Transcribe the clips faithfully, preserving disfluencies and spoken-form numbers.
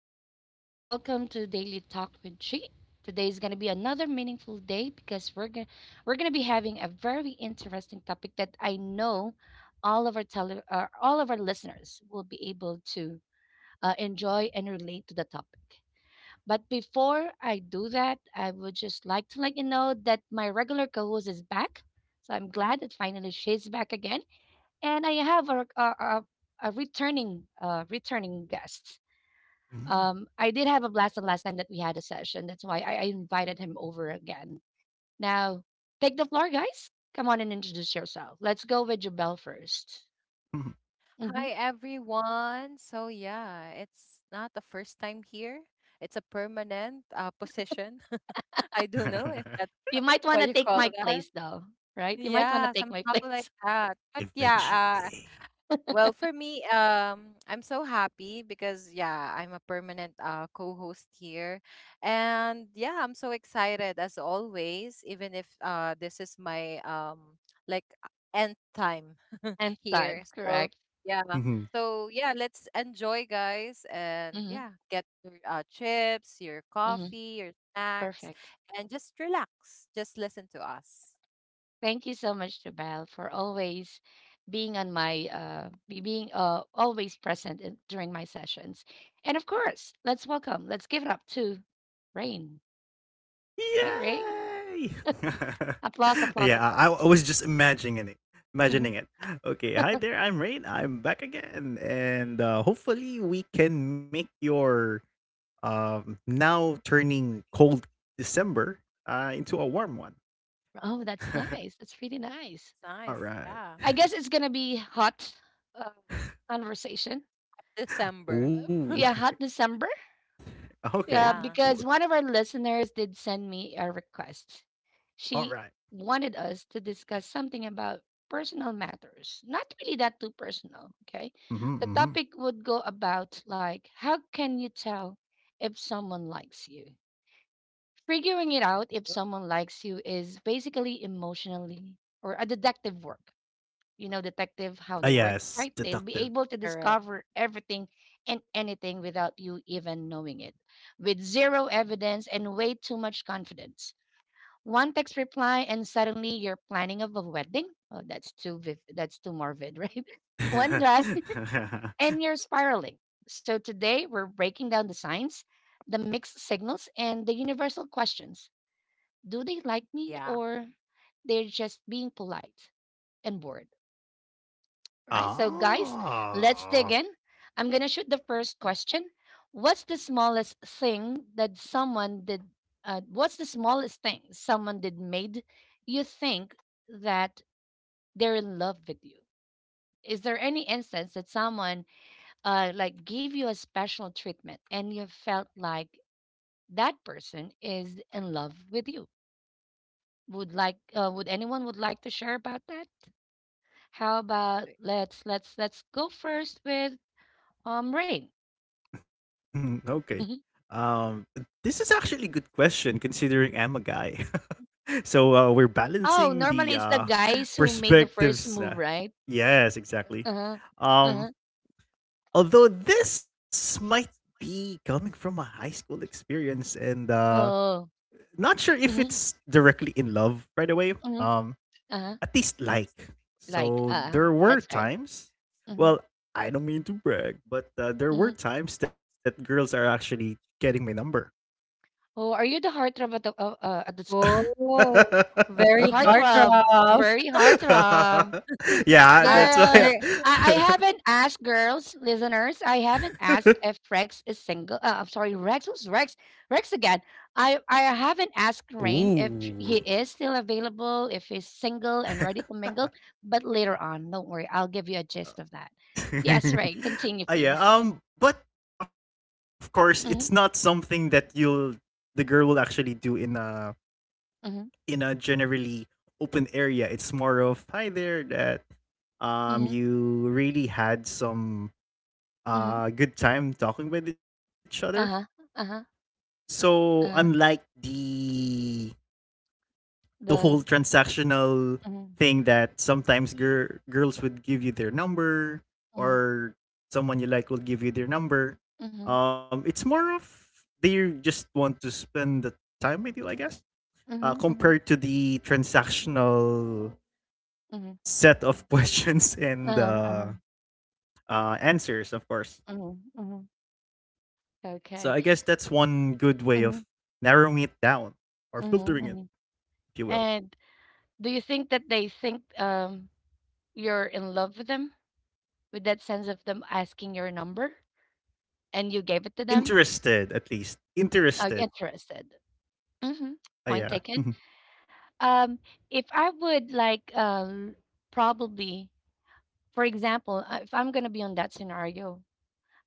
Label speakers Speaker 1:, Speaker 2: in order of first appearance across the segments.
Speaker 1: everyone. Welcome to Daily Talk with Chi. Today is gonna be another meaningful day because we're gonna we're gonna be having a very interesting topic that I know all of our tele, uh, all of our listeners will be able to uh, enjoy and relate to the topic. But before I do that, I would just like to let you know that my regular co-host is back. So I'm glad that finally she's back again, and I have a a, a, a returning uh, returning guest.
Speaker 2: Mhm.
Speaker 1: Um, I did have a blast the last time that we had a session. That's why I, I invited him over again. Now, take the floor, guys. Come on and introduce yourself. Let's go with Jubel first. hmm
Speaker 3: Hi everyone. So yeah, it's not the first time here. It's a permanent uh, position. I don't know if that's
Speaker 1: You might want
Speaker 3: what
Speaker 1: to
Speaker 3: you
Speaker 1: take
Speaker 3: call
Speaker 1: my
Speaker 3: that.
Speaker 1: place, though, right? You might want to
Speaker 3: Yeah,
Speaker 1: take my
Speaker 3: somehow like
Speaker 1: place.
Speaker 3: that. But yeah, uh,
Speaker 2: Eventually.
Speaker 3: well, for me, um, I'm so happy because yeah, I'm a permanent uh, co-host here, and yeah, I'm so excited as always. Even if uh, this is my um like uh, end time
Speaker 1: And time,
Speaker 3: here, so
Speaker 1: correct?
Speaker 3: yeah,
Speaker 2: Mhm.
Speaker 3: so yeah, let's enjoy, guys, and
Speaker 1: hmm
Speaker 3: yeah, get your uh, chips, your
Speaker 1: hmm
Speaker 3: coffee, your snacks,
Speaker 1: Perfect.
Speaker 3: and just relax. Just listen to us.
Speaker 1: Thank you so much, Jubel, for always being on my uh be- being uh always present in, during my sessions. And of course, let's welcome, let's give it up to Rain. Hi, Rain.
Speaker 2: Yay!
Speaker 1: Applause, applause,
Speaker 2: yeah, I,
Speaker 1: applause.
Speaker 2: I was just imagining it.
Speaker 1: Mhm.
Speaker 2: Imagining it. Okay, hi there. I'm Rain. I'm back again, and uh, hopefully we can make your um now turning cold December uh into a warm one.
Speaker 1: Oh, that's nice. That's really nice.
Speaker 3: It's nice,
Speaker 2: All right.
Speaker 3: yeah.
Speaker 1: I guess it's gonna be hot uh, conversation.
Speaker 3: December,
Speaker 1: Uh,
Speaker 2: Ooh.
Speaker 1: yeah, hot December.
Speaker 2: Okay.
Speaker 1: Uh,
Speaker 3: yeah,
Speaker 1: because
Speaker 2: W-
Speaker 1: one of our listeners did send me a request.
Speaker 2: All
Speaker 1: She
Speaker 2: right.
Speaker 1: wanted us to discuss something about personal matters. Not really that too personal. Okay, the
Speaker 2: Mm-hmm, mm-hmm.
Speaker 1: topic would go about like how can you tell if someone likes you? Figuring it out if someone likes you is basically emotionally or a detective work. You know, detective, how they
Speaker 2: Ah,
Speaker 1: work, right?
Speaker 2: yes,
Speaker 1: They'll be able
Speaker 2: deductive.
Speaker 1: to
Speaker 3: correct,
Speaker 1: discover everything and anything without you even knowing it, with zero evidence and way too much confidence. One text reply and suddenly you're planning of a wedding. Oh, that's too viv- that's too morbid, right? One drive and you're spiraling. So today we're breaking down the signs, the mixed signals, and the universal questions. Do they like me,
Speaker 3: yeah.
Speaker 1: or they're just being polite and bored, right? So, guys, let's dig in.
Speaker 2: Ah.
Speaker 1: I'm going to shoot the first question. What's the smallest thing that someone did? Uh, what's the smallest thing someone did made you think that they're in love with you? Is there any instance that someone uh, like gave you a special treatment and you felt like that person is in love with you? Would like uh, would anyone would like to share about that? How about let's let's let's go first with um Rain.
Speaker 2: okay. Um, this is actually a good question considering I'm a guy. so uh, we're
Speaker 1: Oh,
Speaker 2: balancing
Speaker 1: normally
Speaker 2: the
Speaker 1: it's the
Speaker 2: uh,
Speaker 1: guys who made the first
Speaker 2: perspectives.
Speaker 1: move,
Speaker 2: Na.
Speaker 1: right?
Speaker 2: Yes, exactly.
Speaker 1: Uh-huh. Uh-huh.
Speaker 2: Um, although this might be coming from a high school experience and uh,
Speaker 1: Oh.
Speaker 2: not sure if
Speaker 1: Mm-hmm.
Speaker 2: it's directly in love right away.
Speaker 1: Mm-hmm.
Speaker 2: Um,
Speaker 1: Uh-huh.
Speaker 2: at least like.
Speaker 1: Like,
Speaker 2: So
Speaker 1: uh
Speaker 2: there were
Speaker 1: that's right.
Speaker 2: times,
Speaker 1: Mm-hmm.
Speaker 2: well, I don't mean to brag, but uh, there
Speaker 1: Mm-hmm.
Speaker 2: were times that girls are actually getting my number.
Speaker 1: Oh, are you the heartthrob at the uh, uh, at the school?
Speaker 3: Oh,
Speaker 1: The
Speaker 3: very hard,
Speaker 1: heartthrob,
Speaker 3: throb.
Speaker 1: very heartthrob.
Speaker 2: yeah,
Speaker 3: Our
Speaker 2: that's why.
Speaker 1: Girls,
Speaker 3: we're
Speaker 1: I, I
Speaker 2: I-
Speaker 1: haven't asked girls, listeners, I haven't asked if Rex is single. Uh, I'm sorry, Rex, who's Rex? Rex again. I, I haven't asked Rain if
Speaker 2: Ooh.
Speaker 1: sh- he is still available, if he's single and ready to mingle, but later on, don't worry, I'll give you a gist of that. Yes, Rain, continue, please.
Speaker 2: Ah yeah, um, but of course,
Speaker 1: Mm-hmm,
Speaker 2: it's not something that you'll the girl will actually do in a
Speaker 1: mm-hmm,
Speaker 2: in a generally open area. It's more of hi there that
Speaker 1: mm-hmm,
Speaker 2: um you really had some
Speaker 1: hmm.
Speaker 2: uh good time talking with each other.
Speaker 1: Uh-huh, uh-huh,
Speaker 2: So
Speaker 1: uh-huh.
Speaker 2: unlike the the
Speaker 1: The,
Speaker 2: whole transactional
Speaker 1: mm-hmm,
Speaker 2: thing that sometimes gir- girls would give you their number,
Speaker 1: mm-hmm,
Speaker 2: or someone you like will give you their number.
Speaker 1: mm-hmm,
Speaker 2: Um, it's more of they just want to spend the time with you, I guess, uh,
Speaker 1: mm-hmm, mm-hmm,
Speaker 2: compared to the transactional
Speaker 1: mm-hmm.
Speaker 2: set of questions and
Speaker 1: Uh-huh, uh-huh,
Speaker 2: uh, uh, answers, of course.
Speaker 1: mm-hmm, mm-hmm.
Speaker 2: So I guess
Speaker 1: Okay.
Speaker 2: that's one good way of
Speaker 1: Mm-hmm.
Speaker 2: narrowing it down or filtering it,
Speaker 1: Mm-hmm, mm-hmm.
Speaker 2: if you will.
Speaker 1: And do you think that they think um you're in love with them with that sense of them asking your number and you gave it to them?
Speaker 2: Interested, at least.
Speaker 1: Are you
Speaker 2: Interested.
Speaker 1: interested? Hmm.
Speaker 2: Uh,
Speaker 1: Point
Speaker 2: yeah.
Speaker 1: taken. Um, if I would like uh, probably, for example, uh, if I'm gonna be on that scenario,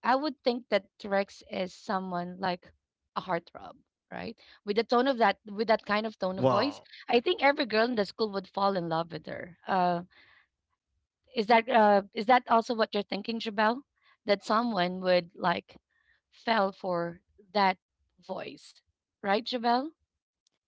Speaker 1: I would think that Rex is someone like a heartthrob, right? With the tone of that, with that kind of tone of voice, I
Speaker 2: Wow.
Speaker 1: think every girl in the school would fall in love with her. Uh, Is that uh is that also what you're thinking, Jabel? That someone would like fell for that voice, right, Jabel?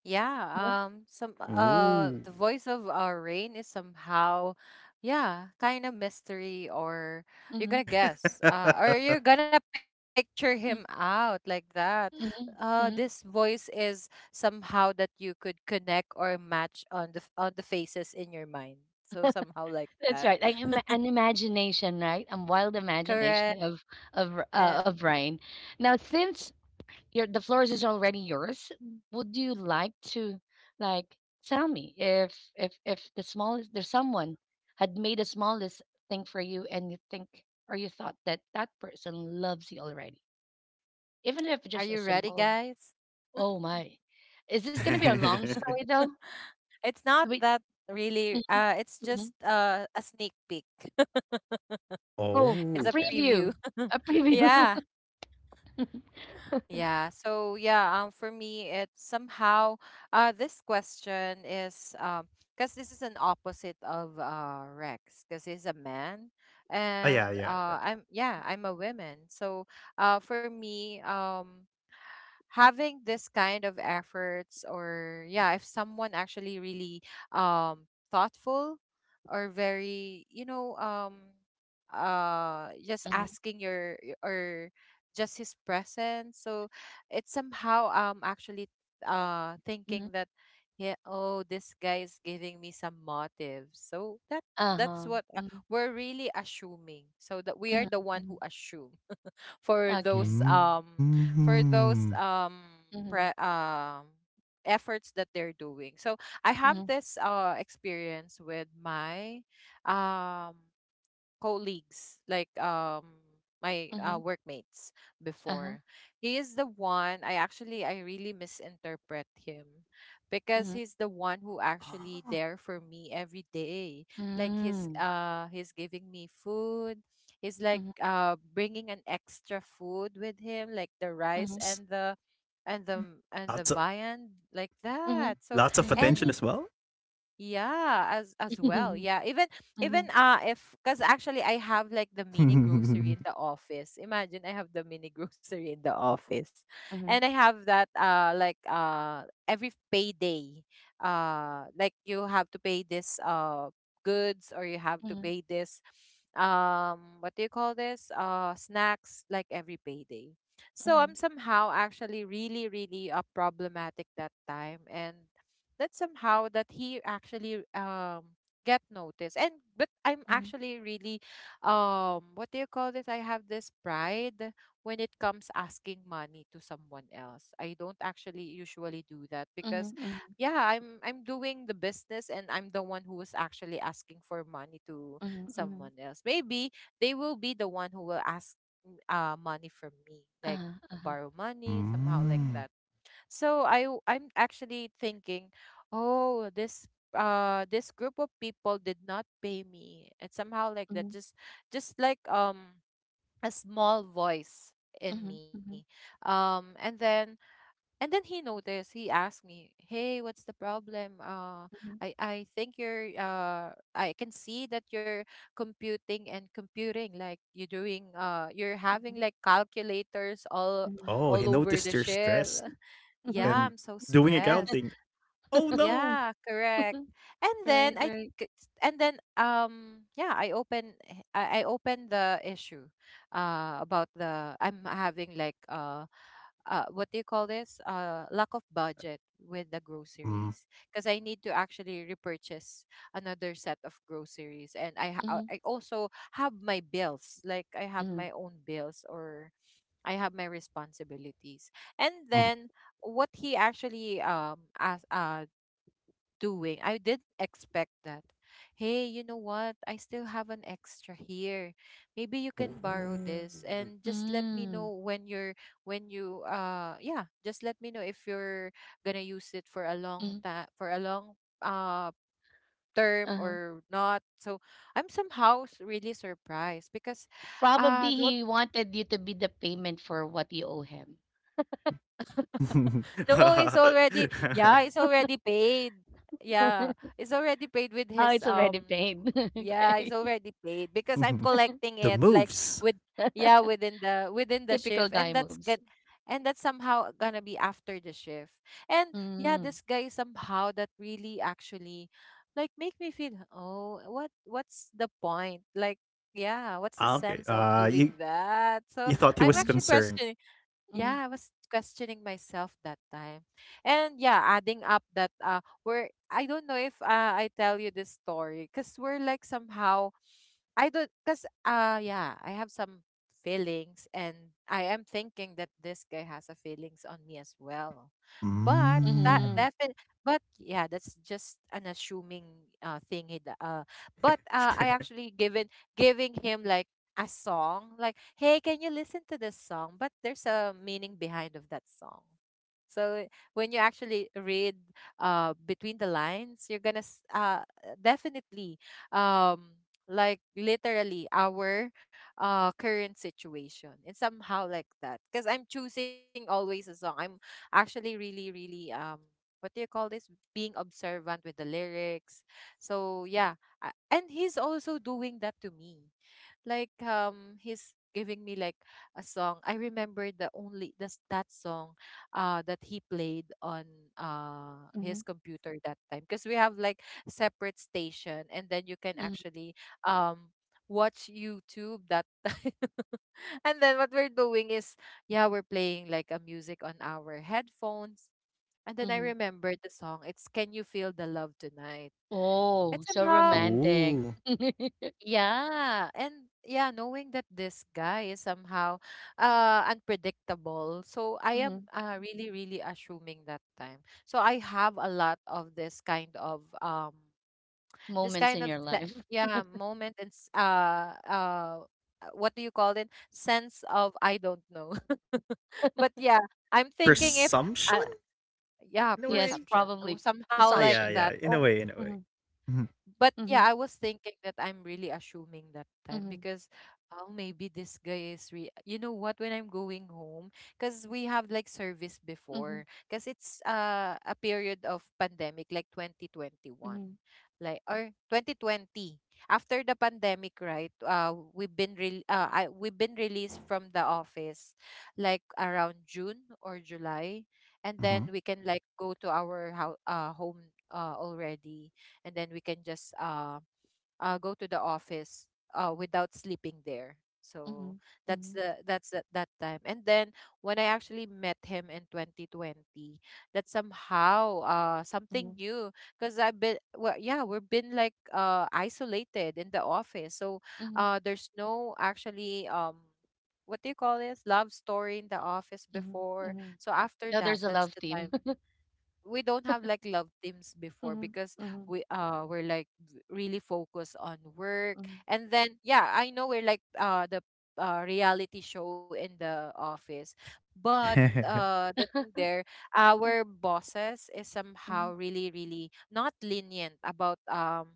Speaker 3: yeah,
Speaker 1: Huh?
Speaker 3: um some uh the
Speaker 2: Ooh.
Speaker 3: voice of our rain is somehow yeah, kind of mystery, or you're
Speaker 1: Mm-hmm.
Speaker 3: gonna guess uh or you're gonna picture him out like that.
Speaker 1: Mm-hmm.
Speaker 3: Uh this
Speaker 1: hmm
Speaker 3: voice is somehow that you could connect or match on the f- on the faces in your mind. So somehow like
Speaker 1: That's
Speaker 3: that.
Speaker 1: right. Like, ima- an imagination, right? A wild
Speaker 3: Correct.
Speaker 1: imagination of of r- uh,
Speaker 3: Yeah.
Speaker 1: of Rain. Now, since your the floor is already yours. Would you like to like tell me if if if the smallest there's someone had made the smallest thing for you and you think or you thought that that person loves you already, even if
Speaker 3: Are
Speaker 1: just a
Speaker 3: you ready,
Speaker 1: simple.
Speaker 3: guys?
Speaker 1: Oh my, is this gonna be a long story though?
Speaker 3: It's not
Speaker 1: Wait,
Speaker 3: that really.
Speaker 1: mhm,
Speaker 3: Uh, it's just
Speaker 1: mhm.
Speaker 3: uh, a sneak peek.
Speaker 1: Oh, a
Speaker 3: it's a
Speaker 2: Oh,
Speaker 3: preview.
Speaker 1: preview,
Speaker 2: okay.
Speaker 1: a preview.
Speaker 3: yeah. Yeah. So yeah, um for me it's somehow uh this question is um because this is an opposite of uh Rex because he's a man, and
Speaker 2: Oh, yeah,
Speaker 3: uh
Speaker 2: yeah,
Speaker 3: I'm,
Speaker 2: yeah.
Speaker 3: yeah, I'm a woman. So uh for me, um having this kind of efforts, or yeah, if someone actually really um thoughtful or very you know um uh just
Speaker 1: Mhm,
Speaker 3: asking your y- or just his presence, so it's somehow um actually uh
Speaker 1: mhm.
Speaker 3: thinking that yeah, oh, this guy is giving me some motive, so that that's
Speaker 1: Uh-huh.
Speaker 3: what uh,
Speaker 1: Mhm,
Speaker 3: we're really assuming, so that we are
Speaker 1: mhm,
Speaker 3: the one
Speaker 1: mhm.
Speaker 3: who assume for
Speaker 1: Okay.
Speaker 3: those um for those
Speaker 2: Mm.
Speaker 3: um
Speaker 1: Mhm,
Speaker 3: pre- um efforts that they're doing. So I have
Speaker 1: mhm,
Speaker 3: this uh experience with my um colleagues, like, um my
Speaker 1: mhm.
Speaker 3: uh, workmates
Speaker 1: Uh-huh.
Speaker 3: before. He is the one I actually I really misinterpret him
Speaker 1: Mhm.
Speaker 3: because he's the one who actually
Speaker 2: Oh,
Speaker 3: there for me every day. Like he's
Speaker 1: Mm.
Speaker 3: uh he's giving me food. He's like
Speaker 1: Mhm,
Speaker 3: uh bringing an extra food with him, like the rice
Speaker 1: mhm,
Speaker 2: s-
Speaker 3: and the and the and
Speaker 2: lots
Speaker 3: the
Speaker 2: of
Speaker 3: viand like
Speaker 1: mhm,
Speaker 3: that. So
Speaker 2: lots of
Speaker 1: mhm.
Speaker 2: attention
Speaker 3: any
Speaker 2: as well.
Speaker 3: yeah, as as well.
Speaker 1: Mhm,
Speaker 3: Yeah, even
Speaker 1: mhm,
Speaker 3: even uh if because actually I have like the mini grocery in the office. Imagine I have the mini grocery in the office,
Speaker 1: mhm,
Speaker 3: and I have that uh like uh every payday, uh like you have to pay this uh goods, or you have to
Speaker 1: mhm,
Speaker 3: pay this um what do you call this uh snacks, like every payday. So
Speaker 1: mhm,
Speaker 3: I'm somehow actually really really uh, problematic that time, and that somehow that he actually um get noticed. And but i'm
Speaker 1: mhm,
Speaker 3: actually really um what do you call this, I have this pride when it comes asking money to someone else. I don't actually usually do that because
Speaker 1: mhm,
Speaker 3: yeah, i'm i'm doing the business, and I'm the one who is actually asking for money to
Speaker 1: mhm, mhm, mhm.
Speaker 3: someone else. Maybe they will be the one who will ask m- uh money from me, like
Speaker 1: Uh-huh, uh-huh.
Speaker 3: borrow money somehow like that.
Speaker 2: Mm.
Speaker 3: So I w- I'm actually thinking, oh, this uh this group of people did not pay me. And somehow like that,
Speaker 1: Mhm,
Speaker 3: just just like um a small voice
Speaker 1: mhm,
Speaker 3: in me.
Speaker 1: mhm,
Speaker 3: Um and then and then he noticed. He asked me, "Hey, what's the problem? Uh,
Speaker 1: mhm,
Speaker 3: I I think you're uh I can see that you're computing and computing, like you're doing uh you're having like calculators all
Speaker 1: mhm,
Speaker 2: Oh, he
Speaker 3: all
Speaker 2: noticed
Speaker 3: over
Speaker 2: you're
Speaker 3: the ship.
Speaker 2: stressed. And
Speaker 1: mhm.
Speaker 3: Yeah, I'm so
Speaker 2: doing
Speaker 3: stressed."
Speaker 2: accounting. Oh no.
Speaker 3: Yeah, correct.
Speaker 1: Mm,
Speaker 3: And then
Speaker 1: right,
Speaker 3: I
Speaker 1: right.
Speaker 3: c- and then um yeah, I open h- I, I open the issue uh about the I'm having like uh uh what do you call this? Uh lack of budget with the
Speaker 2: Mm,
Speaker 3: groceries because I need to actually repurchase another set of groceries, and I
Speaker 1: Mm-hmm.
Speaker 3: ha- I also have my bills, like I have
Speaker 1: Mm-hmm.
Speaker 3: my own bills, or I have my responsibilities. And
Speaker 2: mm.
Speaker 3: then what he actually um as uh doing. I didn't expect that. "Hey, you know what? I still have an extra here. Maybe you can borrow
Speaker 2: Ooh.
Speaker 3: this and just let me know
Speaker 1: Mm,
Speaker 3: when you're when you uh yeah, just let me know if you're gonna use it for a long
Speaker 1: mm,
Speaker 3: time, for a long uh term
Speaker 1: uh-huh.
Speaker 3: or not." So I'm somehow s- really surprised because
Speaker 1: Probably
Speaker 3: uh no,
Speaker 1: he wanted you to be the payment for what you owe him.
Speaker 3: no, it's already, yeah, it's already paid. Yeah,
Speaker 1: Oh,
Speaker 3: it's already paid with his
Speaker 1: it's already
Speaker 3: um
Speaker 1: paid.
Speaker 3: yeah,
Speaker 1: Okay.
Speaker 3: it's already paid because I'm collecting
Speaker 2: The
Speaker 3: it, like
Speaker 2: moves.
Speaker 3: with, yeah, within the within the
Speaker 1: Typical
Speaker 3: shift, and
Speaker 1: guy
Speaker 3: that's
Speaker 1: moves.
Speaker 3: good, and that's somehow gonna be after the shift. And yeah,
Speaker 1: Mm,
Speaker 3: this guy somehow that really actually like make me feel, oh, what what's the point? Like, yeah, what's the
Speaker 2: Ah, okay.
Speaker 3: sense of
Speaker 2: Uh, you
Speaker 3: doing that? So
Speaker 2: you thought he
Speaker 3: I'm
Speaker 2: was
Speaker 1: mm,
Speaker 3: actually
Speaker 2: concerned.
Speaker 3: questioning
Speaker 1: mm,
Speaker 3: yeah, I was questioning myself that time. And yeah, adding up that uh we're I don't know if uh, I tell you this story cuz we're like somehow I don't cuz uh yeah, I have some feelings, and I am thinking that this guy has a feelings on me as well. But that
Speaker 1: mm,
Speaker 2: Mm.
Speaker 3: definitely, but yeah, that's just an assuming uh thing he d- uh but uh I actually given giving him like a song, like, hey, can you listen to this song, but there's a meaning behind of that song. So eh, when you actually read uh, between the lines, you're gonna s- uh, definitely um, like literally our uh, current situation and somehow like that, because i'm choosing always a song, I'm actually really really um, what do you call this, being observant with the lyrics. So yeah, I- and he's also doing that to me, like um he's giving me like a song. I remember the only this that song uh that he played on uh
Speaker 1: mm,
Speaker 3: his computer that time, because we have like separate station, and then you can
Speaker 1: mm,
Speaker 3: actually um watch youtube that time and then what we're doing is, yeah, we're playing like a music on our headphones. And then I
Speaker 1: mm.
Speaker 3: remember the song, it's can you feel the love tonight. And
Speaker 1: Oh, so
Speaker 3: somehow,
Speaker 1: romantic.
Speaker 2: Ooh.
Speaker 3: yeah, and yeah, knowing that this guy is somehow uh unpredictable. So I am
Speaker 1: Mhm.
Speaker 3: uh, really really assuming that time. So I have a lot of this kind of um this
Speaker 1: Moments
Speaker 3: kind
Speaker 1: in
Speaker 3: of
Speaker 1: your
Speaker 3: se-
Speaker 1: life.
Speaker 3: yeah, moment, and s- uh uh uh, what do you call it? Sense of, I don't know. But yeah, I'm
Speaker 1: Mhm.
Speaker 3: thinking if uh,
Speaker 2: Presumption?
Speaker 3: yeah,
Speaker 2: In a
Speaker 1: Yes,
Speaker 2: way?
Speaker 3: presumption.
Speaker 1: probably
Speaker 3: Oh, Somehow
Speaker 2: Ah,
Speaker 3: like
Speaker 2: yeah,
Speaker 1: presumption.
Speaker 2: yeah.
Speaker 3: that.
Speaker 2: In a
Speaker 3: Oh,
Speaker 2: way, in a way.
Speaker 1: Mm-hmm.
Speaker 3: but yeah,
Speaker 1: Mm-hmm.
Speaker 3: I was thinking that I'm really assuming that time
Speaker 1: Mm-hmm.
Speaker 3: because, oh, maybe this guy is re you know what, when I'm going home, because we have like service
Speaker 1: Mm-hmm.
Speaker 3: before, because it's uh a period of pandemic, like twenty twenty-one,
Speaker 1: Mm-hmm.
Speaker 3: like or twenty twenty, after the pandemic, right, uh we've been re- uh I, we've been released from the office like around June or July, and
Speaker 2: Mhm.
Speaker 1: Mm-hmm.
Speaker 3: then we can like go to our ho- uh home uh already, and then we can just uh, uh go to the office uh without sleeping there. So
Speaker 1: Mm-hmm.
Speaker 3: that's
Speaker 1: Mm-hmm.
Speaker 3: the that's the, that time. And then when i actually met him in twenty twenty, that somehow uh something
Speaker 1: Mm-hmm,
Speaker 3: new, because I've been, well, yeah, we've been like uh isolated in the office. So
Speaker 1: mm-hmm.
Speaker 3: uh there's no actually um what do you call this love story in the office
Speaker 1: Mhm,
Speaker 3: before.
Speaker 1: mhm.
Speaker 3: So after
Speaker 1: No,
Speaker 3: that,
Speaker 1: there's a
Speaker 3: that's
Speaker 1: love
Speaker 3: the time
Speaker 1: team.
Speaker 3: we don't have like love teams before,
Speaker 1: Mhm,
Speaker 3: because
Speaker 1: mhm,
Speaker 3: we uh we're like v- really focused on work.
Speaker 1: mhm,
Speaker 3: And then yeah, I know we're like uh the uh, reality show in the office. But uh the thing there, our bosses is
Speaker 1: mhm,
Speaker 3: somehow really really not lenient about um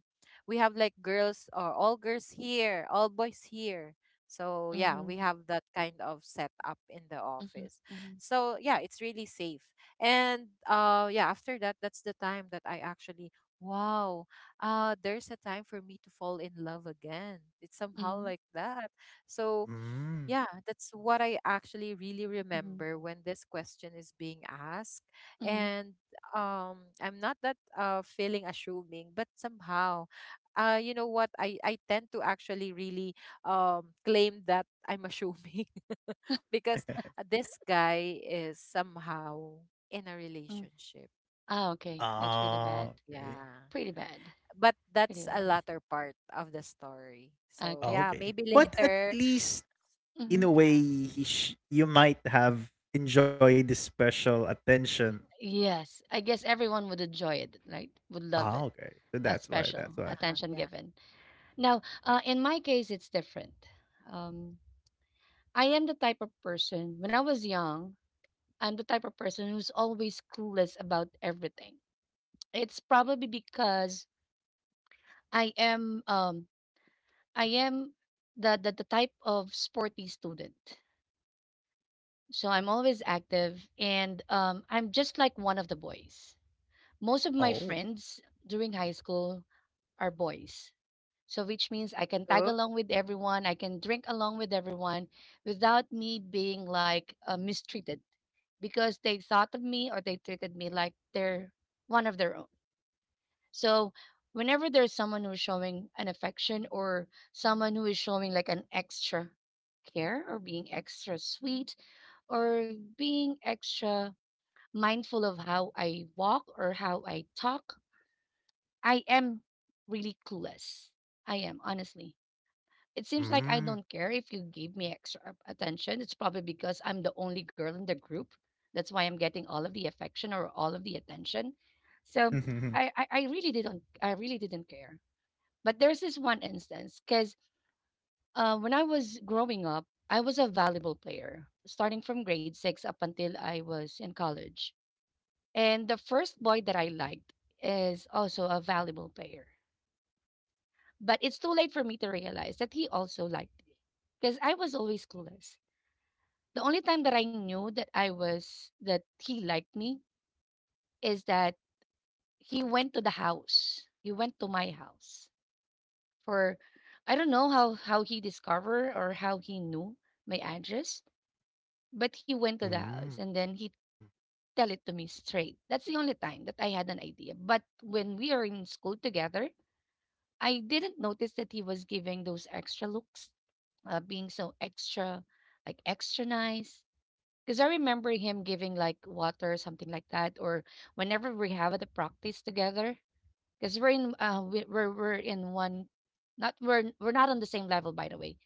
Speaker 3: we have like girls or all girls here, all boys here. So yeah, we
Speaker 1: mhm,
Speaker 3: have that kind of setup in the
Speaker 1: mhm,
Speaker 3: office.
Speaker 1: mhm, mhm,
Speaker 3: So yeah, it's really safe. And uh yeah, after that, that's the time that I actually, wow, uh there's a time for me to fall in love again. It's somehow
Speaker 1: mhm,
Speaker 3: like that. So
Speaker 2: Mm.
Speaker 3: yeah, that's what I actually really
Speaker 1: mhm,
Speaker 3: remember when this question is being asked.
Speaker 1: mhm,
Speaker 3: And um, I'm not that uh, feeling assuming, but somehow, uh, you know what, I, I tend to actually really um, claim that I'm assuming because uh, this guy is somehow in a
Speaker 1: mhm.
Speaker 3: relationship.
Speaker 1: Ah, okay. That's pretty
Speaker 2: Ah,
Speaker 1: bad.
Speaker 2: okay.
Speaker 3: Yeah.
Speaker 1: Pretty bad.
Speaker 3: But
Speaker 1: Pretty
Speaker 3: that's a
Speaker 1: bad.
Speaker 3: latter part of the story. So,
Speaker 2: Ah,
Speaker 1: Okay.
Speaker 3: yeah,
Speaker 2: okay.
Speaker 3: maybe
Speaker 1: Mm,
Speaker 2: But at
Speaker 3: later.
Speaker 2: least in
Speaker 1: mhm.
Speaker 2: a
Speaker 3: Yeah.
Speaker 2: way, he sh- you might have enjoyed the special attention.
Speaker 1: Yes. I guess everyone would enjoy it, right? Would
Speaker 2: Ah,
Speaker 1: love it.
Speaker 2: okay. So that's
Speaker 1: A
Speaker 2: why. That's
Speaker 1: special
Speaker 2: why.
Speaker 3: Uh-huh.
Speaker 1: attention
Speaker 3: Yeah.
Speaker 1: given. Now, uh, in my case, it's different. Um, I am the type of person, when I was young, I'm the type of person who's always clueless about everything. It's probably because I am um I am the the, the type of sporty student. So I'm always active and um I'm just like one of the boys. Most of my
Speaker 2: Oh.
Speaker 1: friends during high school are boys. So which means I can
Speaker 3: Oh,
Speaker 1: tag along with everyone, I can drink along with everyone without me being like uh, mistreated because they thought of me or they treated me like they're one of their own. So whenever there's someone who's showing an affection or someone who is showing like an extra care or being extra sweet or being extra mindful of how I walk or how I talk, I am really clueless. I am, honestly. It seems like
Speaker 2: Mm.
Speaker 1: I don't care if you give me extra a- attention. It's probably because I'm the only girl in the group. That's why I'm getting all of the affection or all of the attention. So
Speaker 2: Mm.
Speaker 1: I, I, I really didn't I really didn't care. But there's this one instance because uh, when I was growing up, I was a volleyball player, starting from grade six up until I was in college. And the first boy that I liked is also a volleyball player. But it's too late for me to realize that he also liked me because I was always clueless. The only time that I knew that I was, that he liked me is that he went to the house. He went to my house for I don't know how how he discovered or how he knew my address, but he went to the house and then he tell it to me straight. That's the only time that I had an idea. But when we are in school together, I didn't notice that he was giving those extra looks, uh, being so extra, like extra nice. Because I remember him giving like water, something like that, or whenever we have the practice together, because we're in uh, we, we're we're in one, not we're we're not on the same level, by the way.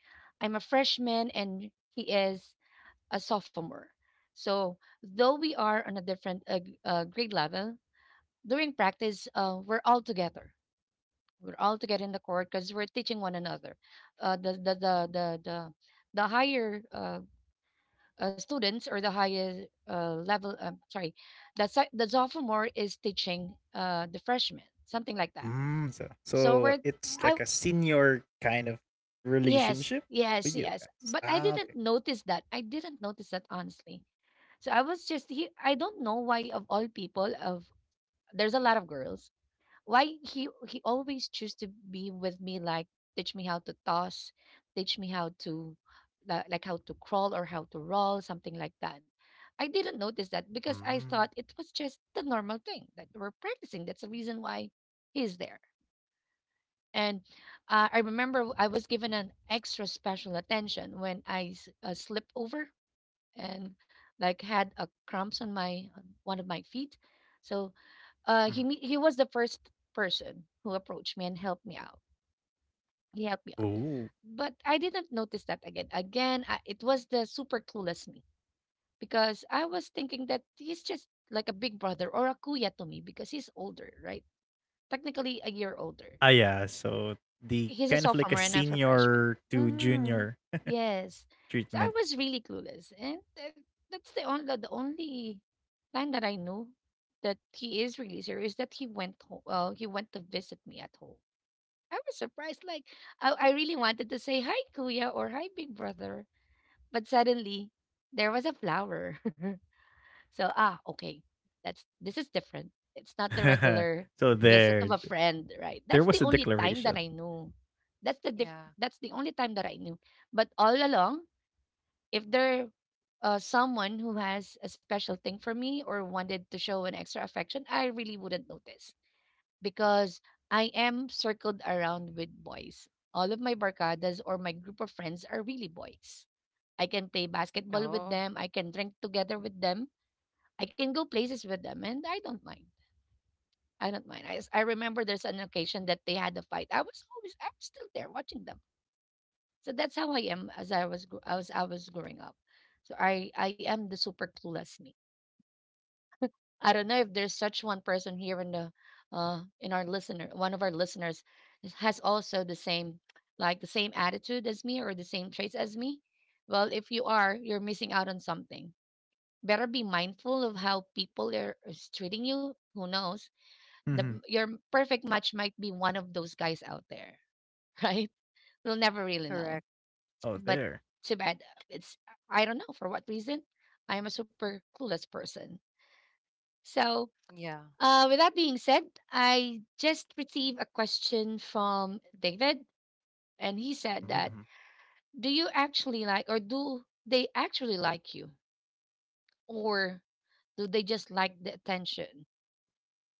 Speaker 1: I'm a freshman and he is a sophomore, so though we are on a different uh, g- uh, grade level, during practice uh, we're all together we're all together in the court because we're teaching one another uh, the, the the the the the higher uh, uh, students, or the higher uh, level, um, sorry, the, so- the sophomore is teaching uh, the freshman something like that,
Speaker 2: Mm. So,
Speaker 1: so
Speaker 2: so
Speaker 1: we're
Speaker 2: it's
Speaker 1: I
Speaker 2: like a senior kind of
Speaker 1: Yes,
Speaker 2: relationship
Speaker 1: yes,
Speaker 2: with you
Speaker 1: yes.
Speaker 2: guys.
Speaker 1: But I
Speaker 2: Ah,
Speaker 1: didn't
Speaker 2: okay.
Speaker 1: notice that. I didn't notice that honestly. So I was just he I don't know why of all people, of there's a lot of girls. Why he he always choose to be with me, like teach me how to toss, teach me how to li- like how to crawl or how to roll, something like that. I didn't
Speaker 2: Mm.
Speaker 1: notice that because I thought it was just the normal thing that we're practicing. That's the reason why he's there. And uh, I remember I was given an extra special attention when I s- uh, slipped over and like had a cramps on my on one of my feet. So
Speaker 2: Mm.
Speaker 1: uh, he me- he was the first person who approached me and helped me out. He helped me out,
Speaker 2: Oh.
Speaker 1: but I didn't notice that again. Again, I, it was the super clueless me because I was thinking that he's just like a big brother or a kuya to me because he's older, right? Technically a year older.
Speaker 2: Ah, yeah. So the
Speaker 1: He's a
Speaker 2: kind of like a
Speaker 1: sophomore and I'm a freshman.
Speaker 2: senior to
Speaker 1: Mhm.
Speaker 2: junior
Speaker 1: Yes. So I
Speaker 2: treatment.
Speaker 1: was really clueless, and that that's the only the only time that I knew that he is really serious that he went home. Well, he went to visit me at home. I was surprised. Like I, I really wanted to say hi, Kuya, or hi, Big Brother, but suddenly there was a flower. So, ah, okay. That's this is different. It's not the regular
Speaker 2: So
Speaker 1: visit of
Speaker 2: there,
Speaker 1: a friend, right?
Speaker 2: there
Speaker 1: That's the
Speaker 2: was a
Speaker 1: only time that
Speaker 2: declaration.
Speaker 1: I knew. That's the diff-
Speaker 3: yeah.
Speaker 1: that's the only time that I knew. But all along, if there uh, someone who has a special thing for me or wanted to show an extra affection, I really wouldn't notice because I am circled around with boys. All of my barcadas or my group of friends are really boys. I can play basketball with
Speaker 3: Oh,
Speaker 1: them. I can drink together with them. I can go places with them, and I don't mind. I don't mind. I, s- I remember there's an occasion that they had a fight. I was always I'm still there watching them. So that's how I am as I was gr- I was I was growing up. So I I am the super clueless me. I don't know if there's such one person here in the uh in our listener one of our listeners is- has also the same like the same attitude as me or the same traits as me. Well, if you are, you're missing out on something. Better be mindful of how people are is treating you. Who knows? The
Speaker 2: Mhm.
Speaker 1: your perfect match might be one of those guys out there, right? We'll never really know.
Speaker 3: correct.
Speaker 2: Oh,
Speaker 1: But
Speaker 2: there.
Speaker 1: too bad. It's I don't know for what reason. I am a super clueless person. So
Speaker 3: Yeah.
Speaker 1: uh, with that being said, I just received a question from David, and he said that
Speaker 2: Mm-hmm.
Speaker 1: do you actually like or do they actually like you or do they just like the attention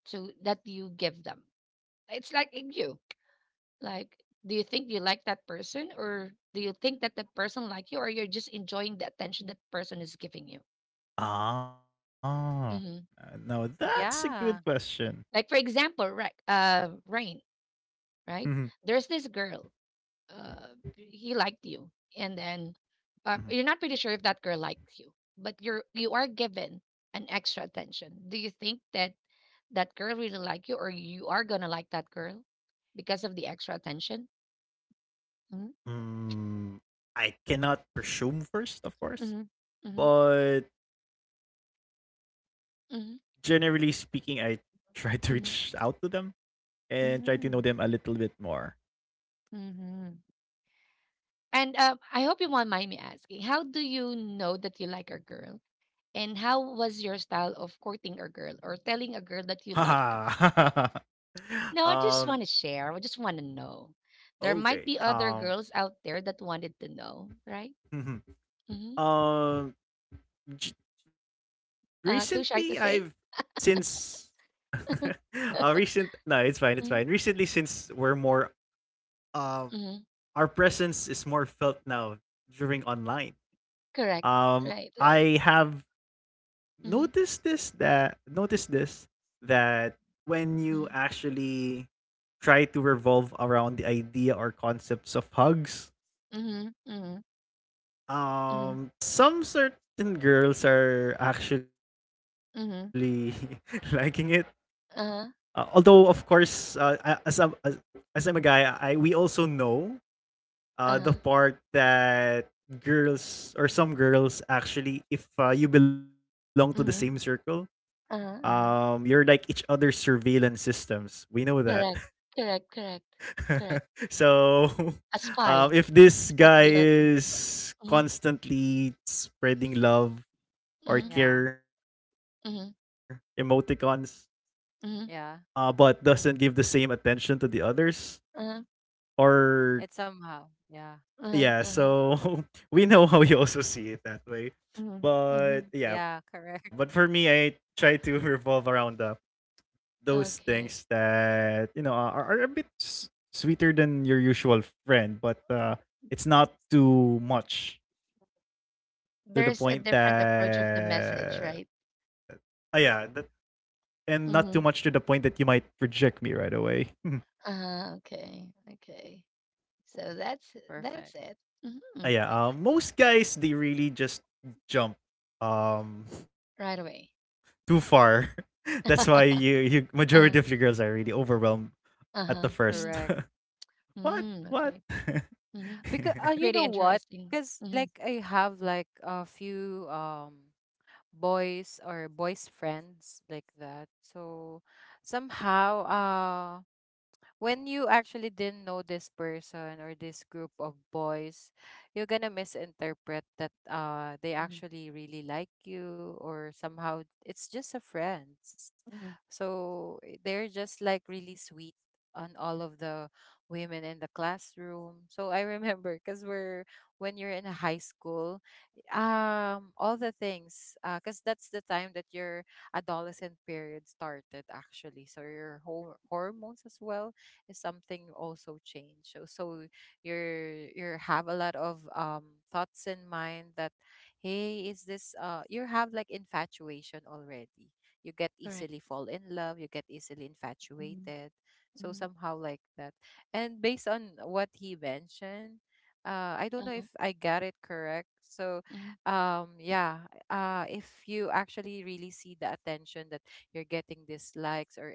Speaker 1: so that you give them it's like in you. Like, do you think you like that person, or do you think that that person like you, or you're just enjoying the attention that person is giving you?
Speaker 2: Ah, uh,
Speaker 1: Hmm.
Speaker 2: now that's a good
Speaker 3: Yeah.
Speaker 2: question.
Speaker 1: Like for example, right? Uh, Rain,
Speaker 2: Mhm,
Speaker 1: right? There's this girl. Uh, he liked you, and then uh,
Speaker 2: mhm.
Speaker 1: you're not pretty sure if that girl likes you, but you're you are given an extra attention. Do you think that that girl really like you, or you are gonna like that girl because of the extra attention? Mm-hmm.
Speaker 2: Mm, I cannot presume first, of course,
Speaker 1: Mm-hmm. Mm-hmm.
Speaker 2: but generally
Speaker 1: Mm-hmm.
Speaker 2: speaking, I try to reach out to
Speaker 1: Mm-hmm.
Speaker 2: them and try to know them a
Speaker 1: Mm-hmm.
Speaker 2: little bit more.
Speaker 1: Hmm. And um, I hope you won't mind me asking, how do you know that you like a girl? And how was your style of courting a girl or telling a girl that you like them?
Speaker 2: Haha.
Speaker 1: Now, I
Speaker 2: um.
Speaker 1: just want to share. I just want to know. There
Speaker 2: Okay.
Speaker 1: might be other
Speaker 2: Um.
Speaker 1: girls out there that wanted to know, right? Mm-hmm.
Speaker 2: um. j- Recently, I've
Speaker 1: Uh, too shy to say?
Speaker 2: since uh recent no, it's fine, it's fine.
Speaker 1: Mm-hmm.
Speaker 2: Recently, since we're more um
Speaker 1: Mm-hmm.
Speaker 2: our presence is more felt now during online.
Speaker 1: Correct.
Speaker 2: Um
Speaker 1: Right, right.
Speaker 2: I have noticed this
Speaker 1: Mm-hmm.
Speaker 2: that noticed this that when you
Speaker 1: Mm-hmm.
Speaker 2: actually try to revolve around the idea or concepts of hugs,
Speaker 1: Mm-hmm. Mm-hmm. Mm-hmm.
Speaker 2: um some certain girls are actually
Speaker 1: Mm-hmm.
Speaker 2: liking it. Uh, although
Speaker 1: Uh-huh.
Speaker 2: of course uh, a- as I'm as, as I'm a guy, I we also know uh, the
Speaker 1: Uh-huh.
Speaker 2: part that girls or some girls actually, if uh, you belong to the same circle,
Speaker 1: Mm-hmm. Uh-huh.
Speaker 2: um,
Speaker 1: Uh-huh.
Speaker 2: you're like each other's surveillance systems. We know that.
Speaker 1: Correct. Correct. Correct. Correct.
Speaker 2: so,
Speaker 1: A spy.
Speaker 2: um, if
Speaker 1: A
Speaker 2: this
Speaker 1: spy to
Speaker 2: guy
Speaker 1: the other.
Speaker 2: is
Speaker 1: Mhm,
Speaker 2: constantly spreading love or
Speaker 1: mhm,
Speaker 3: Yeah.
Speaker 2: care
Speaker 1: mhm,
Speaker 2: emoticons, uh, but
Speaker 1: mhm,
Speaker 2: doesn't
Speaker 3: Yeah.
Speaker 2: give the same attention to the others
Speaker 1: uh-huh,
Speaker 2: or
Speaker 3: It's somehow. Yeah.
Speaker 2: yeah,
Speaker 1: uh-huh, uh-huh,
Speaker 2: so we know how you also see it that way.
Speaker 1: mhm,
Speaker 2: But
Speaker 1: mhm.
Speaker 2: yeah,
Speaker 3: Yeah.
Speaker 2: but for
Speaker 3: Correct.
Speaker 2: me I try to revolve around uh, those things
Speaker 1: Okay.
Speaker 2: that you know are, are a bit s- sweeter than your usual friend, but uh, it's not too much to the
Speaker 1: There's a
Speaker 2: point
Speaker 1: different approach of the message, right?
Speaker 2: that uh, yeah that, and not too much to the
Speaker 1: Mm-hmm.
Speaker 2: point that you might reject me right away.
Speaker 1: Uh, okay. Okay. So that's that's
Speaker 3: Perfect.
Speaker 1: it.
Speaker 2: Ah,
Speaker 1: Hmm.
Speaker 2: yeah, uh, most guys they really just jump um
Speaker 1: Right
Speaker 2: too
Speaker 1: away.
Speaker 2: far. That's why you you majority of your girls
Speaker 1: uh,
Speaker 2: are really overwhelmed at the
Speaker 1: uh-huh.
Speaker 2: first.
Speaker 1: Hmm.
Speaker 3: Correct.
Speaker 2: What?
Speaker 1: Mm,
Speaker 2: What?
Speaker 1: okay. Hmm.
Speaker 3: Because uh, you
Speaker 1: Pretty
Speaker 3: know what?
Speaker 1: interesting.
Speaker 3: Because
Speaker 1: Hmm.
Speaker 3: like I have like a few um boys or boys friends like that. So somehow uh when you actually didn't know this person or this group of boys, you're gonna misinterpret that uh they
Speaker 1: Hmm.
Speaker 3: actually really like you, or somehow it's just a friends.
Speaker 1: Hmm.
Speaker 3: So eh, they're just like really sweet on all of the women in the classroom. So I remember because we're when you're in high school, um all the things uh because that's the time that your adolescent period started actually. So your whole hormones as well something also changed. So, so you're you have a lot of um thoughts in mind that hey, is this uh you have like infatuation already. You get
Speaker 1: Correct.
Speaker 3: easily fall in love, you get easily
Speaker 1: Hmm.
Speaker 3: infatuated. So
Speaker 1: Hmm.
Speaker 3: somehow like that. And based on what he mentioned, uh I don't know
Speaker 1: Uh-huh.
Speaker 3: if I got it correct. So
Speaker 1: Hmm.
Speaker 3: um yeah, uh if you actually really see the attention that you're getting dislikes or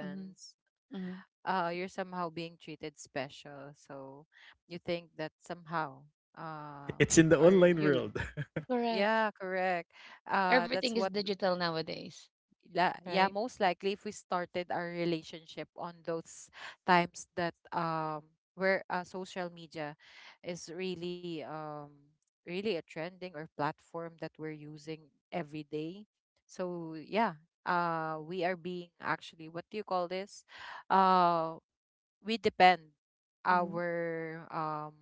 Speaker 1: Hmm. Hmm.
Speaker 3: uh you're somehow being treated special so you think that somehow um
Speaker 2: It's in the
Speaker 3: or
Speaker 2: online
Speaker 3: you'll
Speaker 2: world.
Speaker 1: Correct.
Speaker 3: yeah, correct, uh that's
Speaker 1: Everything is
Speaker 3: what
Speaker 1: digital nowadays,
Speaker 3: la- yeah,
Speaker 1: right?
Speaker 3: most likely if we started our relationship on those times that um where uh, social media is really um really a trending or platform that we're using every day. So yeah, uh we are being actually, what do you call this, uh we depend
Speaker 1: Mhm.
Speaker 3: our um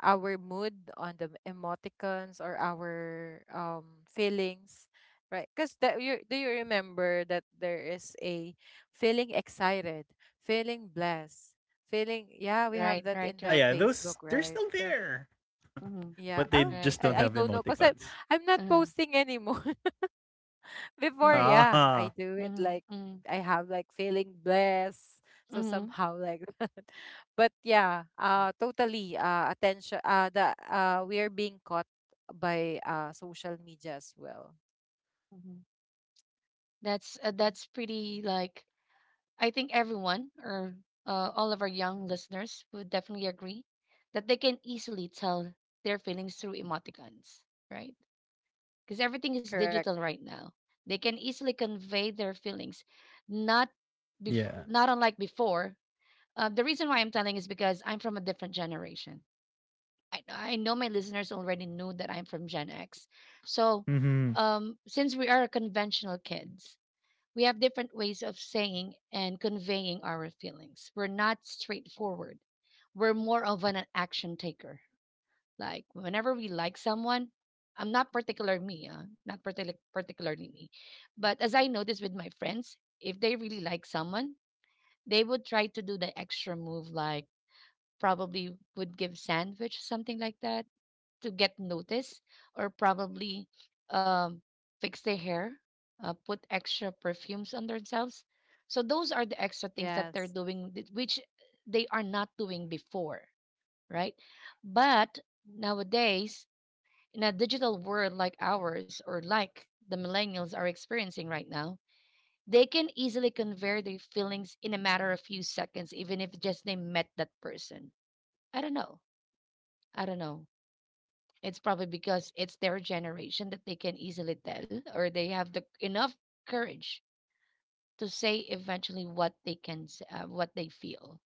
Speaker 3: our mood on the emoticons or our um feelings, right? Because that you do you remember that there is a feeling excited, feeling blessed, feeling, yeah, we have
Speaker 1: Right,
Speaker 3: that in
Speaker 1: right,
Speaker 2: Ah,
Speaker 3: the
Speaker 1: right.
Speaker 2: yeah, those
Speaker 3: Facebook,
Speaker 2: they're
Speaker 3: right?
Speaker 2: still
Speaker 3: So
Speaker 2: there,
Speaker 1: Mhm.
Speaker 3: yeah,
Speaker 2: but they
Speaker 3: oh,
Speaker 2: just
Speaker 1: Right,
Speaker 3: i,
Speaker 2: don't
Speaker 1: right.
Speaker 3: I
Speaker 2: have
Speaker 3: don't know because i'm
Speaker 2: emoticons.
Speaker 3: i'm not
Speaker 1: Uh-huh.
Speaker 3: posting anymore
Speaker 2: Ah,
Speaker 3: before.
Speaker 1: Mhm.
Speaker 3: Yeah, I do it
Speaker 1: Mhm.
Speaker 3: like
Speaker 1: Mhm.
Speaker 3: I have like feeling blessed. So
Speaker 1: Mhm.
Speaker 3: somehow like that. But yeah, uh totally uh attention uh the uh we are being caught by uh social media as well.
Speaker 1: Mhm. That's uh, that's pretty like I think everyone or uh, all of our young listeners would definitely agree that they can easily tell their feelings through emoticons, right? Because everything is
Speaker 3: Correct.
Speaker 1: digital right now. They can easily convey their feelings, not bef-
Speaker 2: yeah.
Speaker 1: not unlike before. Uh, the reason why I'm telling is because I'm from a different generation. I, I know my listeners already knew that I'm from Gen X. So,
Speaker 2: Mm-hmm.
Speaker 1: um, since we are conventional kids, we have different ways of saying and conveying our feelings. We're not straightforward. We're more of an action taker. Like whenever we like someone, I'm not particular me, uh, not partic- particularly me, but as I notice with my friends, if they really like someone, they would try to do the extra move, like probably would give sandwich something like that to get noticed or probably um, fix their hair, uh, put extra perfumes on themselves. So those are the extra things that they're
Speaker 3: Yes.
Speaker 1: doing, th- which they are not doing before, right? But nowadays, in a digital world like ours or like the millennials are experiencing right now, they can easily convey their feelings in a matter of few seconds, even if just they met that person. I don't know. I don't know. It's probably because it's their generation that they can easily tell, or they have the enough courage to say eventually what they can, s- uh, what they feel.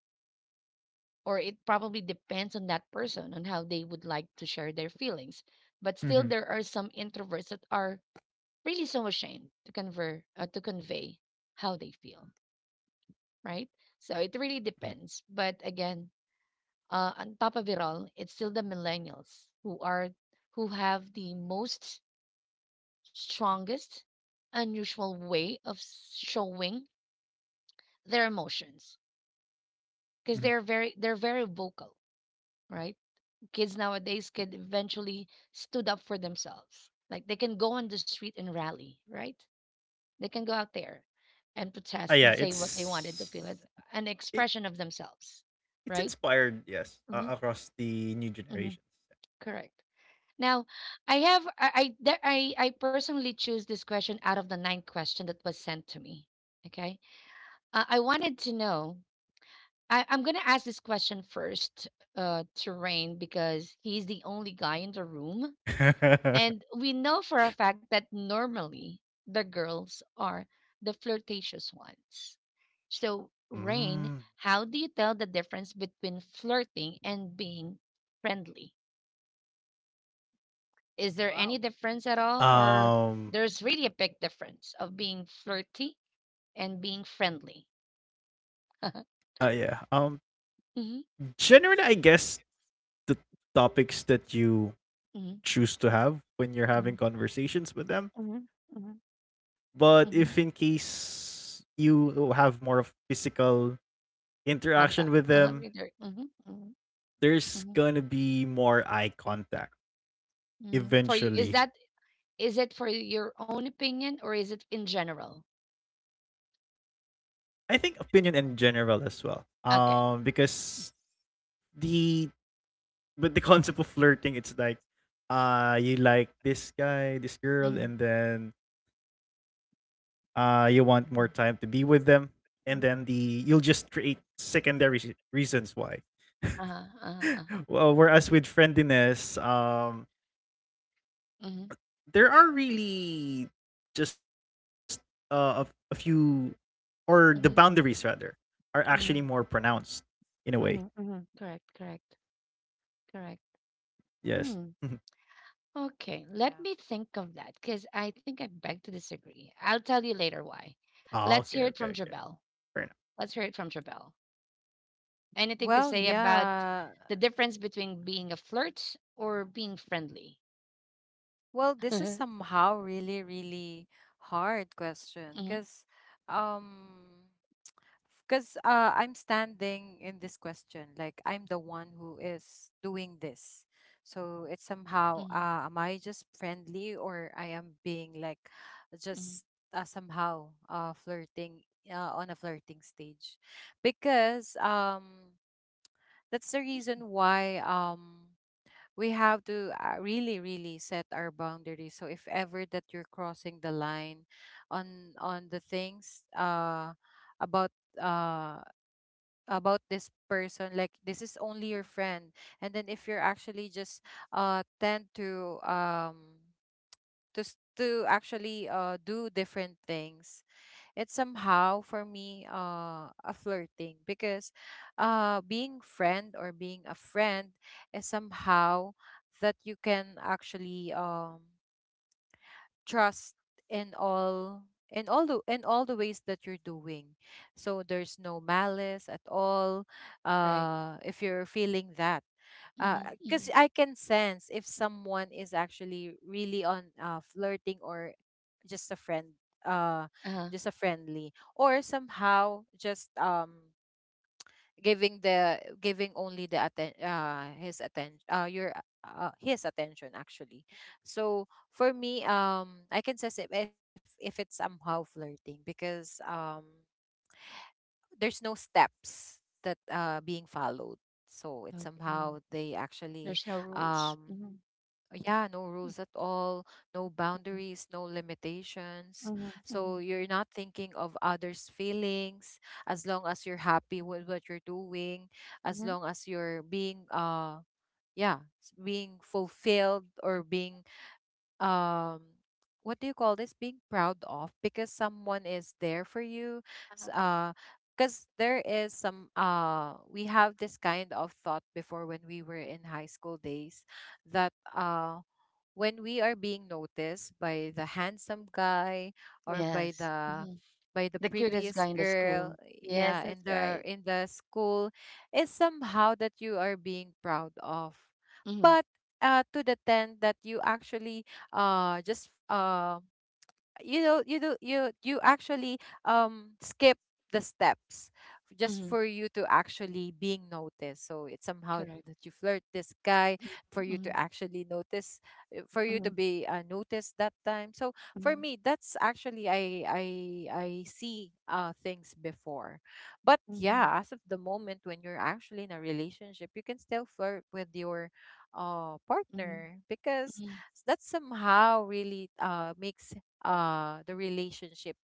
Speaker 1: Or it probably depends on that person on how they would like to share their feelings. But still,
Speaker 2: Mm-hmm.
Speaker 1: there are some introverts that are really so ashamed to convey, uh, to convey how they feel, right? So it really
Speaker 2: Mm-hmm.
Speaker 1: depends. But again, uh, on top of it all, it's still the millennials who are who have the most strongest unusual way of showing their emotions
Speaker 2: Mm-hmm.
Speaker 1: because they're very they're very vocal, right? Kids nowadays could eventually stood up for themselves, like they can go on the street and rally, right? They can go out there and
Speaker 2: Ah,
Speaker 1: protest
Speaker 2: yeah.
Speaker 1: and say what they wanted to
Speaker 2: It's
Speaker 1: feel as an
Speaker 2: it
Speaker 1: expression of themselves,
Speaker 2: it's
Speaker 1: right?
Speaker 2: inspired, yes, uh,
Speaker 1: Hmm.
Speaker 2: across the new
Speaker 1: Hmm.
Speaker 2: generations.
Speaker 1: Correct. Now, I have I I, there- I I personally choose this question out of the nine question that was sent to me. Okay. Uh, I wanted to know. I, I'm gonna ask this question first uh, to Rain because he's the only guy in the room, and we know for a fact that normally the girls are the flirtatious ones. So, Rain,
Speaker 2: Mm.
Speaker 1: how do you tell the difference between flirting and being friendly? Is there
Speaker 3: Wow.
Speaker 1: any difference at all, or there's really a
Speaker 2: Um.
Speaker 1: big difference of being flirty and being friendly?
Speaker 2: Uh, yeah. Um.
Speaker 1: Mhm,
Speaker 2: Generally, I guess the topics that
Speaker 1: mhm,
Speaker 2: you choose to
Speaker 1: mhm,
Speaker 2: have when you're having
Speaker 1: mhm,
Speaker 2: conversations with
Speaker 1: mhm.
Speaker 2: them. But
Speaker 1: Mhm.
Speaker 2: if in case you have more of physical
Speaker 1: Contact.
Speaker 2: interaction
Speaker 1: Uh-huh.
Speaker 2: with
Speaker 1: With your-
Speaker 2: them,
Speaker 1: Mhm. Mhm. Mhm.
Speaker 2: there's gonna be more eye contact
Speaker 1: Mm. For you, is
Speaker 2: eventually.
Speaker 1: that is it for your own opinion or is it in general?
Speaker 2: I think opinion in general as well.
Speaker 1: Okay.
Speaker 2: Um, because the with the concept of flirting, it's like uh you like this guy,
Speaker 1: Mhm.
Speaker 2: this girl, and then uh you want
Speaker 1: Mhm.
Speaker 2: more time to be with them,
Speaker 1: Mhm.
Speaker 2: and then the you'll just create secondary s- reasons why.
Speaker 1: Uh-huh. Uh-huh. Uh-huh.
Speaker 2: Well, whereas with friendliness, um
Speaker 1: Mhm.
Speaker 2: there are really just uh, a, a few, or the boundaries
Speaker 1: Mhm.
Speaker 2: rather are actually more
Speaker 1: Mhm.
Speaker 2: pronounced in a way,
Speaker 1: Mhm. Mhm. Correct. Correct. Correct.
Speaker 2: yes.
Speaker 1: Hmm. Okay.
Speaker 3: Yeah.
Speaker 1: Let me think of that because I think I beg to disagree. I'll tell you later why.
Speaker 2: Ah,
Speaker 1: Let's
Speaker 2: okay,
Speaker 1: hear it
Speaker 2: okay,
Speaker 1: from
Speaker 2: okay.
Speaker 1: Jabel.
Speaker 2: Fair
Speaker 1: Let's hear it from Jabel. Anything to
Speaker 3: Well,
Speaker 1: say about
Speaker 3: yeah.
Speaker 1: the difference between being a flirt or being friendly?
Speaker 3: Well, this is somehow really, really hard question
Speaker 1: Mhm,
Speaker 3: because um because uh, I'm standing in this question. Like I'm the one who is doing this, so it's somehow
Speaker 1: mhm,
Speaker 3: uh, am I just friendly or I am being like
Speaker 1: mhm.
Speaker 3: just uh, somehow uh, flirting uh, on a flirting stage, because um that's the reason why um we have to uh, really really set our boundaries. So if ever that you're crossing the line on on the things uh about uh about this person, like this is only your friend, and then if you're actually just uh tend to um to s- to actually uh do different things, it's somehow for me uh a flirting because uh being friend or being a friend is somehow that you can actually um trust in all, in all the in all the ways that you're doing, so there's no malice at all
Speaker 1: Right.
Speaker 3: uh if you're feeling that.
Speaker 1: Mhm,
Speaker 3: Uh, because
Speaker 1: mhm.
Speaker 3: I can sense if someone is actually really on uh, flirting or just a friend, uh,
Speaker 1: Uh-huh.
Speaker 3: just a friendly, or somehow just um giving the giving only the atten- uh his attention uh your uh, his attention actually. So for me, um I can say if if, if it's somehow flirting because um there's no steps that uh being followed, so it's
Speaker 1: Okay.
Speaker 3: somehow they actually
Speaker 1: There's no
Speaker 3: um uh,
Speaker 1: rules. Mhm,
Speaker 3: yeah, no rules at all, no
Speaker 1: mhm,
Speaker 3: boundaries, no limitations.
Speaker 1: mhm,
Speaker 3: So
Speaker 1: mhm,
Speaker 3: you're not thinking of others feelings as long as you're happy with what you're doing, as
Speaker 1: mhm.
Speaker 3: long as you're being uh yeah, s- being fulfilled or being um what do you call this, being proud of because someone is there for you.
Speaker 1: Uh-huh.
Speaker 3: s- uh because there is some uh we have this kind of thought before when we were in high school days, that uh when we are being noticed by the handsome guy or by
Speaker 1: Yes.
Speaker 3: the
Speaker 1: Mhm.
Speaker 3: by the
Speaker 1: The cutest
Speaker 3: prettiest
Speaker 1: guy in the
Speaker 3: girl,
Speaker 1: school. Yes,
Speaker 3: yeah in
Speaker 1: that's
Speaker 3: the
Speaker 1: right.
Speaker 3: in the school, is somehow that you are being proud of.
Speaker 1: Mhm,
Speaker 3: But uh, to the ten that you actually uh just uh you know you do you you actually um skip the steps just
Speaker 1: mhm.
Speaker 3: for you to actually being noticed, so it's somehow that
Speaker 1: Correct.
Speaker 3: you flirt this guy for you to
Speaker 1: Mhm,
Speaker 3: actually notice, uh, for you to
Speaker 1: mhm,
Speaker 3: be uh, noticed that time. So for
Speaker 1: mhm,
Speaker 3: me that's actually i i i see uh things before. But
Speaker 1: mhm,
Speaker 3: yeah, as of the moment when you're actually in a relationship, you can still flirt with your uh
Speaker 1: mhm,
Speaker 3: partner because
Speaker 1: mhm,
Speaker 3: s- that somehow really uh makes uh the relationship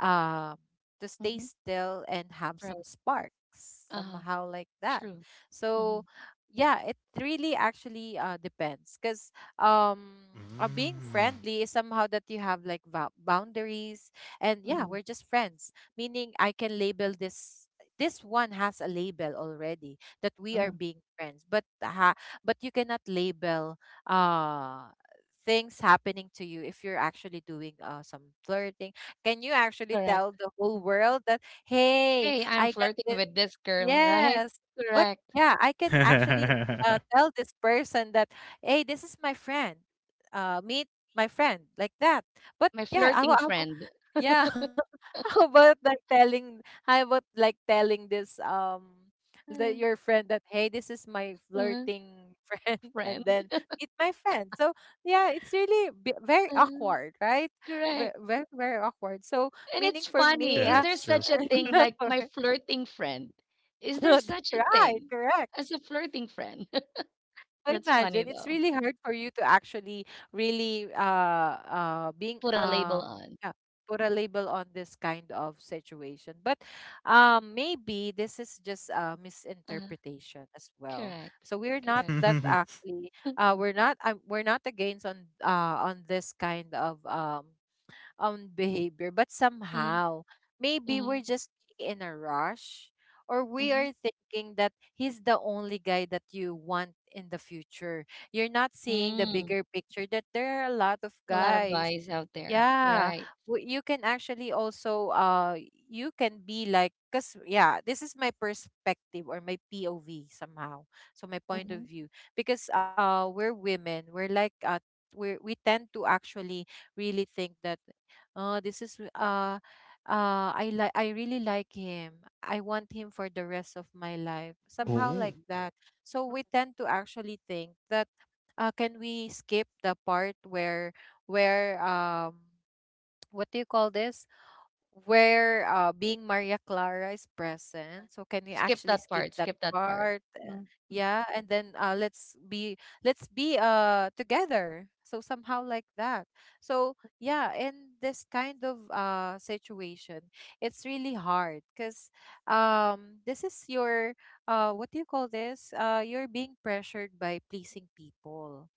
Speaker 3: um to stay
Speaker 1: mhm.
Speaker 3: still and have
Speaker 1: Right.
Speaker 3: some sparks,
Speaker 1: Uh-huh.
Speaker 3: somehow like that.
Speaker 1: True. Mhm,
Speaker 3: So yeah, it really actually uh depends because um uh, being
Speaker 2: Mm.
Speaker 3: friendly is somehow that you have like va- boundaries, and yeah,
Speaker 1: mhm,
Speaker 3: we're just friends, meaning I can label this, this one has a label already that we are
Speaker 1: mhm.
Speaker 3: being friends. But ha- but you cannot label uh things happening to you if you're actually doing uh, some flirting. Can you actually
Speaker 1: Correct.
Speaker 3: tell the
Speaker 1: Mhm.
Speaker 3: whole world that hey,
Speaker 1: Hey, I'm
Speaker 3: I got
Speaker 1: flirting
Speaker 3: this?
Speaker 1: with this girl, right?
Speaker 3: Yes. But
Speaker 1: Correct.
Speaker 3: yeah, I can actually uh,
Speaker 2: enough.
Speaker 3: tell this person that hey, this is my friend, uh meet my friend, like that. But
Speaker 1: My
Speaker 3: yeah, i,
Speaker 1: flirting
Speaker 3: will- I will-
Speaker 1: friend.
Speaker 3: yeah. How about like telling, how about like telling this um the,
Speaker 1: Uh,
Speaker 3: your friend, that hey, this is my
Speaker 1: uh,
Speaker 3: flirting friend, and then meet my friend, so yeah, it's really b- very
Speaker 1: friend.
Speaker 3: awkward, right?
Speaker 1: Correct.
Speaker 3: Very very, very awkward. So
Speaker 1: And
Speaker 3: meaning
Speaker 1: it's
Speaker 3: for me
Speaker 1: funny.
Speaker 2: Yeah,
Speaker 1: Is
Speaker 3: uh,
Speaker 1: there
Speaker 2: it's true.
Speaker 1: such a thing
Speaker 3: no,
Speaker 1: like my flirting friend? Is there such a
Speaker 3: right,
Speaker 1: thing
Speaker 3: correct.
Speaker 1: as a flirting friend?
Speaker 3: So
Speaker 1: That's funny
Speaker 3: imagine it's
Speaker 1: though.
Speaker 3: really hard for you to actually really uh uh being
Speaker 1: Put a label
Speaker 3: um
Speaker 1: on.
Speaker 3: yeah, put a label on this kind of situation. But um maybe this is just a
Speaker 1: Uh,
Speaker 3: misinterpretation as well.
Speaker 1: correct.
Speaker 3: So we're not
Speaker 1: Correct.
Speaker 3: that actually uh we're not um, we're not against on uh on this kind of um own behavior. But
Speaker 1: Mm-hmm.
Speaker 3: somehow, maybe
Speaker 1: Mm-hmm.
Speaker 3: we're just in a rush, or we
Speaker 1: Mm.
Speaker 3: are thinking that he's the only guy that you want in the future. You're not seeing the
Speaker 1: Mm.
Speaker 3: bigger picture that there are a lot of
Speaker 1: A lot of
Speaker 3: guys.
Speaker 1: guys out there.
Speaker 3: Yeah,
Speaker 1: Right.
Speaker 3: w- you can actually also uh you can be like, cuz yeah, this is my perspective or my P O V somehow. So my point of
Speaker 1: Mm-hmm.
Speaker 3: view, because uh we're women, we're like uh we we tend to actually really think that uh this is uh uh, I like, I really like him. I want him for the rest of my life. Somehow
Speaker 2: Oh.
Speaker 3: like that. So we tend to actually think that uh can we skip the part where where um what do you call this, where uh being Maria Clara is present, so can we
Speaker 1: Skip
Speaker 3: actually
Speaker 1: that
Speaker 3: skip
Speaker 1: part.
Speaker 3: that
Speaker 1: Skip that part.
Speaker 3: part? Uh,
Speaker 1: Mm. Mm.
Speaker 3: yeah, and then uh let's be, let's be uh together, so somehow like that. So yeah, in this kind of uh situation, it's really hard because um this is your uh what do you call this, uh you're being pressured by pleasing people,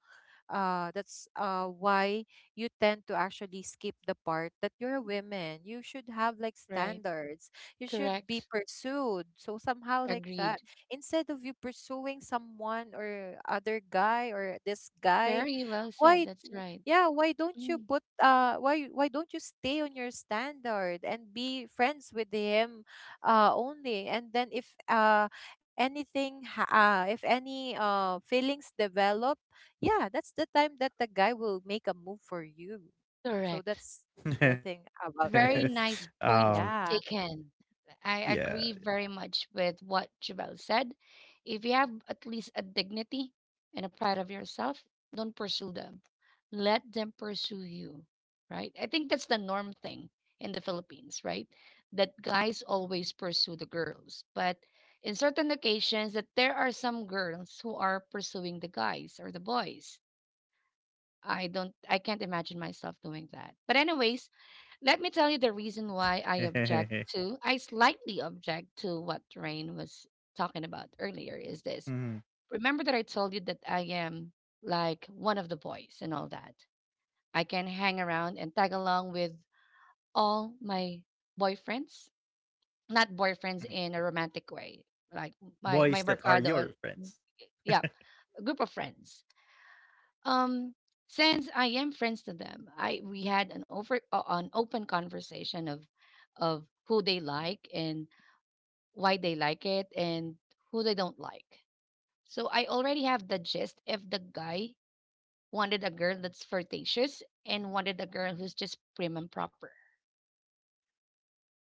Speaker 3: uh that's uh why you tend to actually skip the part that you're a woman, you should have like
Speaker 1: Right.
Speaker 3: standards, you should be
Speaker 1: Correct.
Speaker 3: pursued, so somehow like
Speaker 1: Agreed.
Speaker 3: that, instead of you pursuing someone or other guy or this guy.
Speaker 1: Very well said.
Speaker 3: Why
Speaker 1: That's
Speaker 3: w-
Speaker 1: right.
Speaker 3: yeah, why don't you
Speaker 1: Mm.
Speaker 3: put uh why why don't you stay on your standard and be friends with him uh only, and then if uh anything ha- uh if any uh feelings develop, yeah, that's the time that the guy will make a move for you. So
Speaker 1: Correct.
Speaker 3: that's the thing about
Speaker 1: Very
Speaker 3: this.
Speaker 1: nice
Speaker 2: Um,
Speaker 1: point
Speaker 3: Yeah.
Speaker 1: taken.
Speaker 2: yeah.
Speaker 1: I agree very much with what Jabel said. If you have at least a dignity and a pride of yourself, don't pursue them. Let them pursue you, right? I think that's the norm thing in the Philippines, right? That guys always pursue the girls. But in certain occasions that there are some girls who are pursuing the guys or the boys. I don't I can't imagine myself doing that. But anyways, let me tell you the reason why I object to, I slightly object to what Rain was talking about earlier is this.
Speaker 2: Mhm,
Speaker 1: Remember that I told you that I am like one of the boys and all that. I can hang around and tag along with all my boyfriends, not
Speaker 2: mhm.
Speaker 1: boyfriends in a romantic way, like
Speaker 2: Boys
Speaker 1: my,
Speaker 2: that
Speaker 1: my
Speaker 2: are your
Speaker 1: Mercado,
Speaker 2: friends.
Speaker 1: yeah, a group of friends. Um, since I am friends to them, I we had an over uh, an open conversation of of who they like and why they like it and who they don't like. So I already have the gist if the guy wanted a girl that's flirtatious and wanted a girl who's just prim and proper.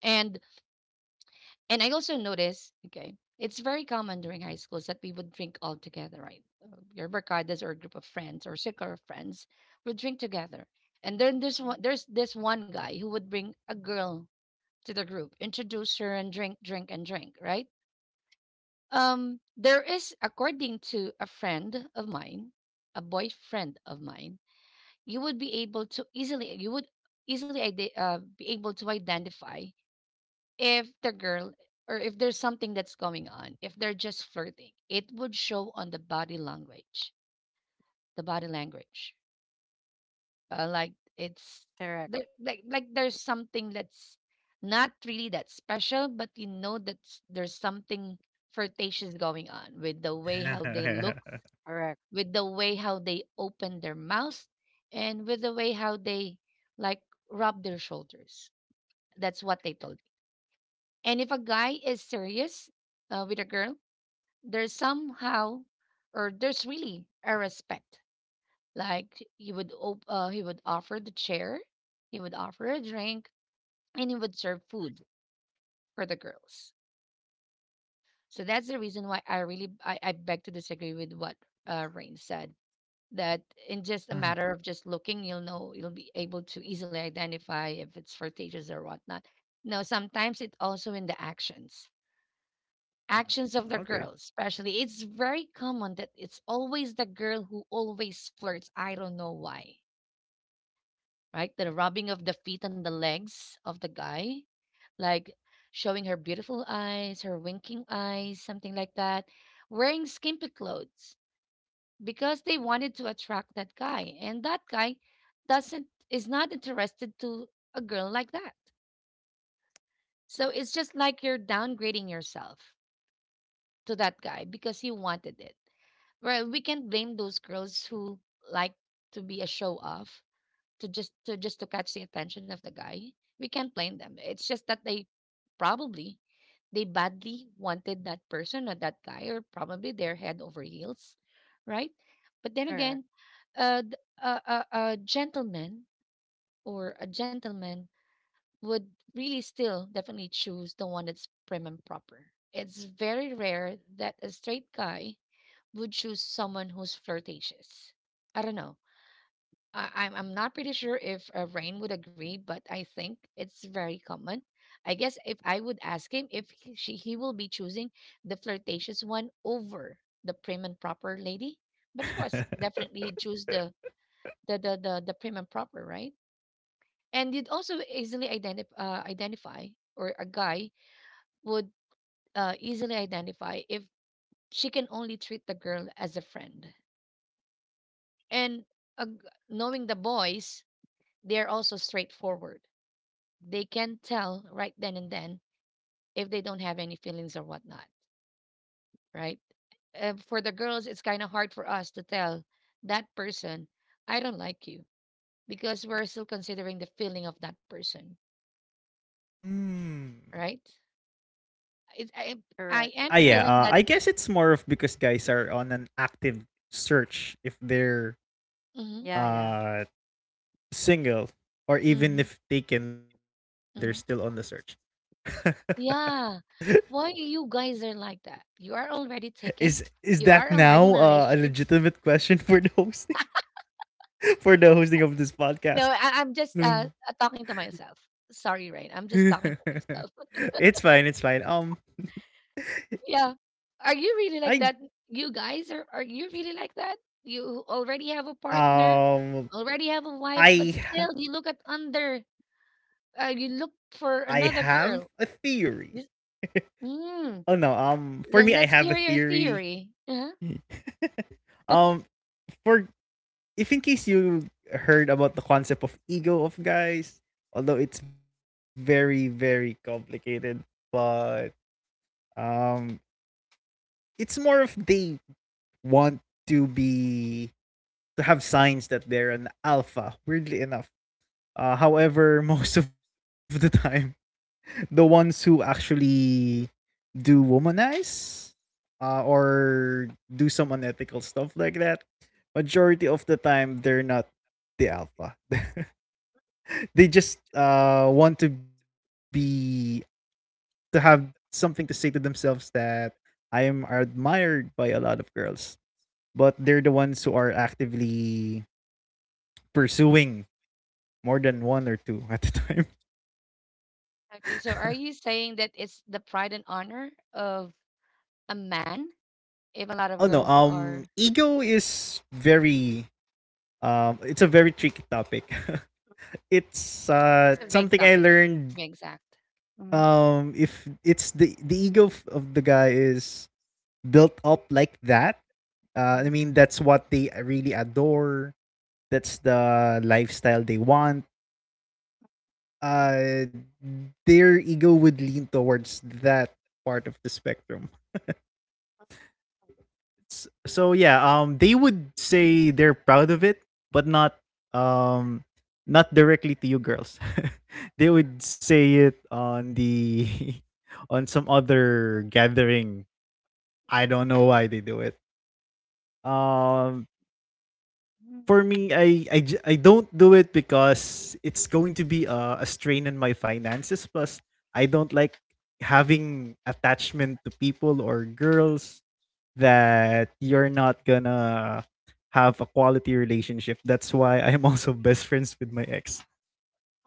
Speaker 1: And And I also notice, okay, it's very common during high schools that we would drink all together, right? Uh, your barkadas or a group of friends or circle of friends would drink together. And then there's one, there's this one guy who would bring a girl to the group, introduce her, and drink, drink, and drink, right? Um, there is, according to a friend of mine, a boyfriend of mine, you would be able to easily, you would easily ide- uh, be able to identify if the girl or if there's something that's going on, if they're just flirting, it would show on the body language, the body language. Uh, like it's there,
Speaker 3: Correct.
Speaker 1: like like there's something that's not really that special, but you know that s- there's something flirtatious going on with the way how they look,
Speaker 3: Correct.
Speaker 1: with the way how they open their mouth, and with the way how they like rub their shoulders. That's what they told me. And if a guy is serious uh, with a girl, there's somehow or there's really a respect, like he would op- uh, he would offer the chair, he would offer a drink, and he would serve food for the girls. So that's the reason why i really i, I beg to disagree with what uh, Rain said, that in just a
Speaker 2: Mhm,
Speaker 1: matter of just looking, you'll know, you'll be able to easily identify if it's flirtatious or whatnot. No, sometimes it also in the actions.
Speaker 2: mhm.
Speaker 1: Actions
Speaker 2: Okay.
Speaker 1: of the girls, especially. It's very common that it's always the girl who always flirts. I don't know why. Right? The rubbing of the feet and the legs of the guy, like showing her beautiful eyes, her winking eyes, something like that. Wearing skimpy clothes because they wanted to attract that guy. And that guy doesn't, is not interested to a girl like that. So it's just like you're downgrading yourself to that guy because you wanted it. Well, we can't blame those girls who like to be a show off, to just to just to catch the attention of the guy. We can't blame them. It's just that they probably, they badly wanted that person or that guy, or probably they're head over heels, right? But then
Speaker 3: Correct.
Speaker 1: again, uh, th- a, a, a gentleman or a gentleman would really still definitely choose the one that's prim and proper. It's very rare that a straight guy would choose someone who's flirtatious. I don't know. I, I'm I'm not pretty sure if uh, Rain would agree, but I think it's very common. I guess if I would ask him if he, she he will be choosing the flirtatious one over the prim and proper lady, but of course, definitely he'd choose the the the the, the prim and proper, right? And you'd also easily identify uh, identify or a guy would uh, easily identify if she can only treat the girl as a friend. And ag Knowing the boys, they're also straightforward. They can tell right then and then if they don't have any feelings or whatnot, right? Uh, for the girls, it's kind of hard for us to tell that person, I don't like you, because we're still considering the feeling of that person,
Speaker 2: Mm.
Speaker 1: right? It, I,
Speaker 3: Correct.
Speaker 1: I
Speaker 2: Ah,
Speaker 1: am
Speaker 2: yeah.
Speaker 3: Yeah.
Speaker 1: feeling
Speaker 2: Uh,
Speaker 1: that.
Speaker 2: I guess it's more of because guys are on an active search if they're
Speaker 1: Hmm.
Speaker 3: Yeah. Yeah.
Speaker 2: uh single, or even
Speaker 1: Hmm.
Speaker 2: if taken, they're still on the search.
Speaker 1: Hmm. Yeah. Why you guys are like that? You are already
Speaker 2: Is
Speaker 1: taken.
Speaker 2: is
Speaker 1: You
Speaker 2: that
Speaker 1: are already in
Speaker 2: now
Speaker 1: a
Speaker 2: uh, a
Speaker 1: relationship.
Speaker 2: legitimate question for the hosting for the hosting of this
Speaker 1: No,
Speaker 2: podcast?
Speaker 1: I I'm just, uh,
Speaker 2: Mm.
Speaker 1: uh, talking to myself. Sorry, Rain. I'm just talking to
Speaker 2: It's fine.
Speaker 1: myself.
Speaker 2: It's fine. Um,
Speaker 1: Yeah. Are you
Speaker 2: I
Speaker 1: really like that? You guys are are you really like that? You already have a partner,
Speaker 2: um
Speaker 1: you already have a wife,
Speaker 2: I
Speaker 1: but
Speaker 2: ha-
Speaker 1: still you look at under, uh, you
Speaker 2: I
Speaker 1: look for
Speaker 2: have a
Speaker 1: another girl.
Speaker 2: theory.
Speaker 1: This,
Speaker 2: Oh no,
Speaker 1: mm,
Speaker 2: um, for me I have a
Speaker 1: then let's hear your
Speaker 2: theory.
Speaker 1: theory. Uh-huh.
Speaker 2: um for if in case you heard about the concept of ego of guys, although it's very, very complicated, but um it's more of they want to be to have signs that they're an alpha, weirdly enough. Uh, however, most of the time the ones who actually do womanize uh, or do some unethical stuff like that, majority of the time they're not the alpha. They just uh, want to be to have something to say to themselves that I am admired by a lot of girls, but they're the ones who are actively pursuing more than one or two at a time.
Speaker 1: Okay, so are you saying that it's the pride and honor of a man
Speaker 2: Oh
Speaker 1: if a
Speaker 2: no,
Speaker 1: lot of girls
Speaker 2: um,
Speaker 1: are,
Speaker 2: ego is very Um, it's a very tricky topic. It's uh,
Speaker 1: it's a
Speaker 3: Correct.
Speaker 1: big
Speaker 2: something I
Speaker 1: topic
Speaker 2: learned.
Speaker 1: to be exact. Mm-hmm.
Speaker 2: Um, if it's the the ego f- of the guy is built up like that, uh, I
Speaker 1: Mm-hmm.
Speaker 2: mean that's what they really adore. That's the lifestyle they want. Uh, their ego would lean towards that part of the spectrum. S- so yeah, um, they would say they're proud of it, but not um not directly to you girls. They would say it on the on some other gathering. I don't know why they do it. Um for
Speaker 1: Mhm.
Speaker 2: me I I, j- I don't do it because it's going to be a, a strain on my finances, plus I don't like having attachment to people or girls that you're not gonna have a quality relationship. That's why I'm also best friends with my ex.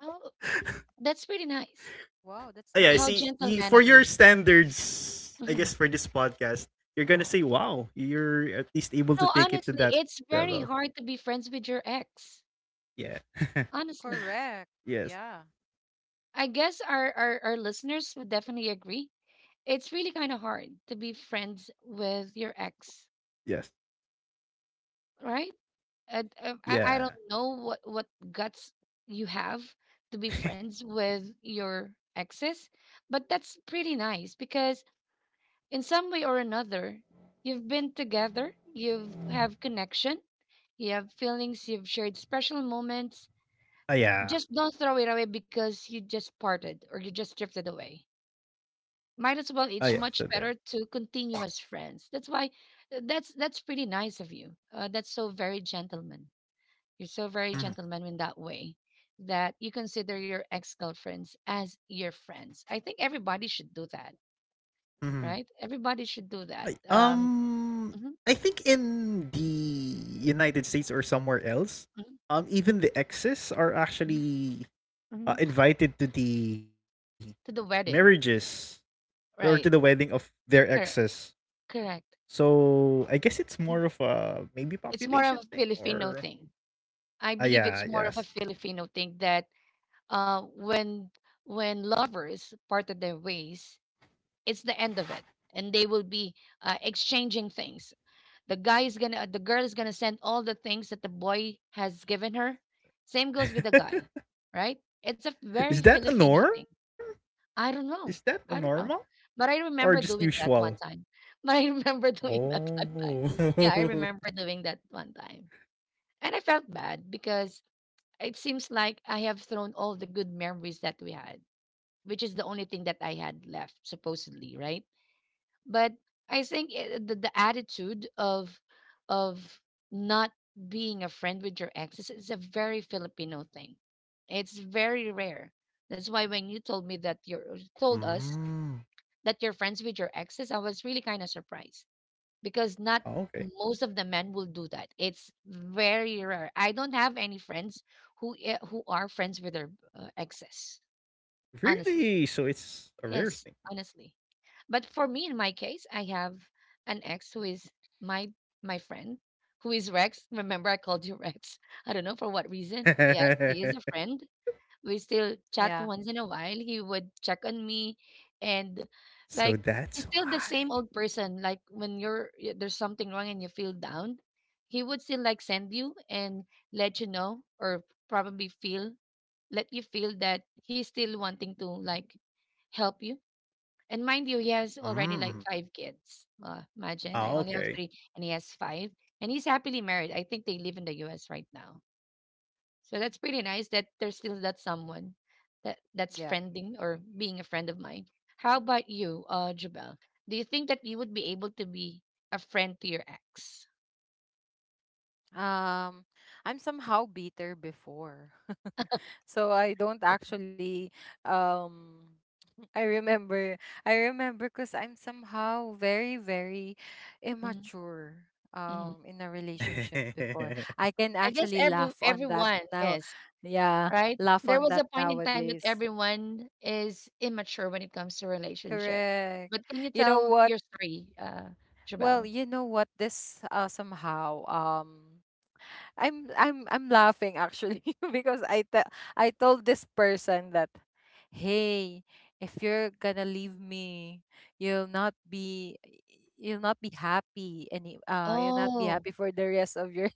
Speaker 1: Oh, that's pretty nice.
Speaker 3: Wow, that's
Speaker 2: Ah, yeah, I
Speaker 1: How
Speaker 2: see,
Speaker 3: nice.
Speaker 2: y-
Speaker 1: gentleman
Speaker 2: for
Speaker 1: of
Speaker 2: your
Speaker 1: you.
Speaker 2: standards, I
Speaker 1: Hmm.
Speaker 2: guess for this podcast, you're gonna say, "Wow, you're at least able to
Speaker 1: No,
Speaker 2: take it to
Speaker 1: honestly,
Speaker 2: that
Speaker 1: it's very
Speaker 2: level."
Speaker 1: hard to be friends with your ex.
Speaker 2: Yeah.
Speaker 1: Honestly,
Speaker 3: Correct.
Speaker 2: Yes.
Speaker 3: Yeah.
Speaker 1: I guess our, our, our listeners would definitely agree. It's really kind of hard to be friends with your ex,
Speaker 2: Yes.
Speaker 1: right? Uh, uh, I,
Speaker 3: Correct.
Speaker 1: I don't
Speaker 2: Yeah.
Speaker 1: know what, what guts you have to be friends with your exes, but that's pretty nice because in some way or another, you've been together, you've have connection, you have feelings, you've shared special moments.
Speaker 2: Ah, yeah.
Speaker 1: Just don't throw it away because you just parted or you just drifted away. Might as well.
Speaker 2: Ah,
Speaker 1: It's
Speaker 2: yeah.
Speaker 1: much
Speaker 2: So
Speaker 1: better
Speaker 2: there.
Speaker 1: to continue as friends. That's why. uh, That's that's pretty nice of you. Uh, that's so very gentleman. You're so very gentleman in that way that you consider your ex girlfriends as your friends. I think everybody should do that,
Speaker 2: Mhm.
Speaker 1: right? Everybody should do
Speaker 2: I,
Speaker 1: that. Um,
Speaker 2: um,
Speaker 1: mhm,
Speaker 2: I think in the United States or somewhere else, um, even the exes are
Speaker 1: mhm,
Speaker 2: actually
Speaker 1: mhm.
Speaker 2: uh, invited to the
Speaker 1: To the wedding.
Speaker 2: marriages or to
Speaker 1: Right.
Speaker 2: the wedding of their
Speaker 1: Correct.
Speaker 2: exes.
Speaker 1: Correct.
Speaker 2: So I guess it's
Speaker 1: Mhm.
Speaker 2: more of a maybe
Speaker 1: It's more of a
Speaker 2: population thing
Speaker 1: Filipino
Speaker 2: or
Speaker 1: thing. I
Speaker 2: ah,
Speaker 1: believe it's more
Speaker 2: yeah,
Speaker 1: of a
Speaker 2: yes.
Speaker 1: Filipino thing that uh, when when lovers parted their ways, it's the end of it, and they will be uh, exchanging things. The guy is gonna, the girl is gonna send all the things that the boy has given her. Same goes with the guy, right? It's a very
Speaker 2: Is that a
Speaker 1: Filipino
Speaker 2: norm?
Speaker 1: thing. I
Speaker 2: Is
Speaker 1: don't
Speaker 2: that a
Speaker 1: know. I
Speaker 2: normal
Speaker 1: don't know. But
Speaker 2: or
Speaker 1: I
Speaker 2: just
Speaker 1: remember doing
Speaker 2: usual?
Speaker 1: that one time. But I remember doing that one time. Yeah,
Speaker 2: Oh
Speaker 1: I remember doing that one time. And I felt bad because it seems like I have thrown all the good memories that we had, which is the only thing that
Speaker 2: yeah.
Speaker 1: I had left, supposedly, right? But I think i the, the attitude of of not being a friend with your exes is a very Filipino thing. It's very rare. That's why when you told me that you told us
Speaker 2: Mm.
Speaker 1: that you're friends with your exes, I was really kind of surprised because
Speaker 2: Oh,
Speaker 1: not
Speaker 2: okay.
Speaker 1: most of the men will do that. It's very rare. I don't have any friends who i- who are friends with their uh, exes. Honestly,
Speaker 2: Really? So it's a rare
Speaker 1: yes,
Speaker 2: thing.
Speaker 1: honestly. But for me, in my case, I have an ex who is my my friend, who is Rex. Remember, I called you Rex. I don't know for what reason. Yes, he is a friend, we still chat
Speaker 3: Yeah.
Speaker 1: once in a while. He would check on me, and
Speaker 2: So
Speaker 1: like he's
Speaker 2: that's
Speaker 1: still the
Speaker 2: why.
Speaker 1: same old person. Like when you're y- there's something wrong and you feel down, he would still like send you and let you know, or probably feel, let you feel that he's still wanting to like help you. And mind you, he has already
Speaker 2: Mm.
Speaker 1: like five kids. Uh, imagine I
Speaker 2: Oh,
Speaker 1: only have
Speaker 2: okay.
Speaker 1: three, and he has five, and he's happily married. I think they live in the U S right now. So that's pretty nice that there's still that someone that that's
Speaker 3: Yeah.
Speaker 1: friending or being a friend of mine. How about you, uh, Jabel? Do you think that you would be able to be a friend to your ex?
Speaker 3: Um, I'm somehow bitter before. So I don't actually um I remember I remember because I'm somehow very, very
Speaker 1: Hmm.
Speaker 3: immature
Speaker 1: Hmm.
Speaker 3: um in a relationship before. I can
Speaker 1: I guess
Speaker 3: actually
Speaker 1: every
Speaker 3: laugh on that
Speaker 1: everyone
Speaker 3: now.
Speaker 1: is
Speaker 3: Yeah,
Speaker 1: right.
Speaker 3: laugh
Speaker 1: There
Speaker 3: on
Speaker 1: was a
Speaker 3: that
Speaker 1: point in time that
Speaker 3: nowadays.
Speaker 1: everyone is immature when it comes to relationship.
Speaker 3: Correct.
Speaker 1: But can you
Speaker 3: You know
Speaker 1: tell
Speaker 3: what?
Speaker 1: your story, uh,
Speaker 3: Well,
Speaker 1: Jabel?
Speaker 3: you know what? This uh somehow um I'm I'm I'm laughing actually because I te- I told this person that hey, if you're gonna leave me, you'll not be you'll not be happy any uh you'll not be
Speaker 1: Oh,
Speaker 3: happy for the rest of your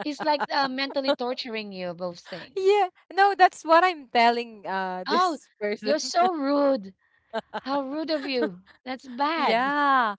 Speaker 1: he's like uh, mentally torturing you. Both things.
Speaker 3: yeah. No, that's what I'm telling uh
Speaker 1: Oh,
Speaker 3: this
Speaker 1: you're
Speaker 3: person.
Speaker 1: so rude. How rude of you. That's bad.
Speaker 3: Yeah.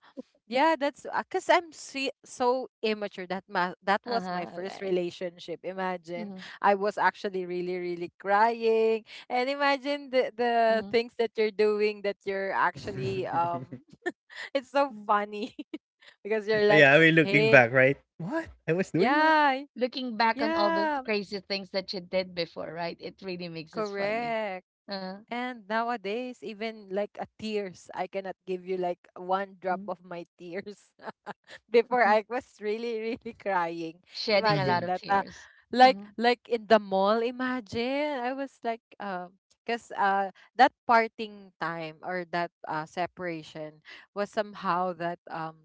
Speaker 3: Yeah, that's because I'm see, so immature that ma- that was my
Speaker 1: Uh-huh.
Speaker 3: first
Speaker 1: Okay.
Speaker 3: relationship. Imagine
Speaker 1: Hmm.
Speaker 3: I was actually really, really crying, and imagine the the
Speaker 1: Hmm.
Speaker 3: things that you're doing that you're actually um, it's so
Speaker 1: Hmm.
Speaker 3: funny because you're like,
Speaker 2: Yeah, I mean, looking
Speaker 3: hey,
Speaker 2: back, right? What? I was doing that?
Speaker 3: yeah,
Speaker 1: Looking back on all the
Speaker 3: yeah,
Speaker 1: crazy things that you did before, right? It really makes us funny.
Speaker 3: correct.
Speaker 1: Uh,
Speaker 3: And nowadays, even like a tears, I cannot give you like one drop
Speaker 1: mm,
Speaker 3: of my tears. Before
Speaker 1: mhm.
Speaker 3: I was really, really crying.
Speaker 1: Shedding a lot
Speaker 3: Imagine
Speaker 1: of
Speaker 3: that. Uh,
Speaker 1: tears.
Speaker 3: like
Speaker 1: Mm-hmm.
Speaker 3: like in the mall, imagine. I was like um because uh that parting time or that uh separation was somehow that um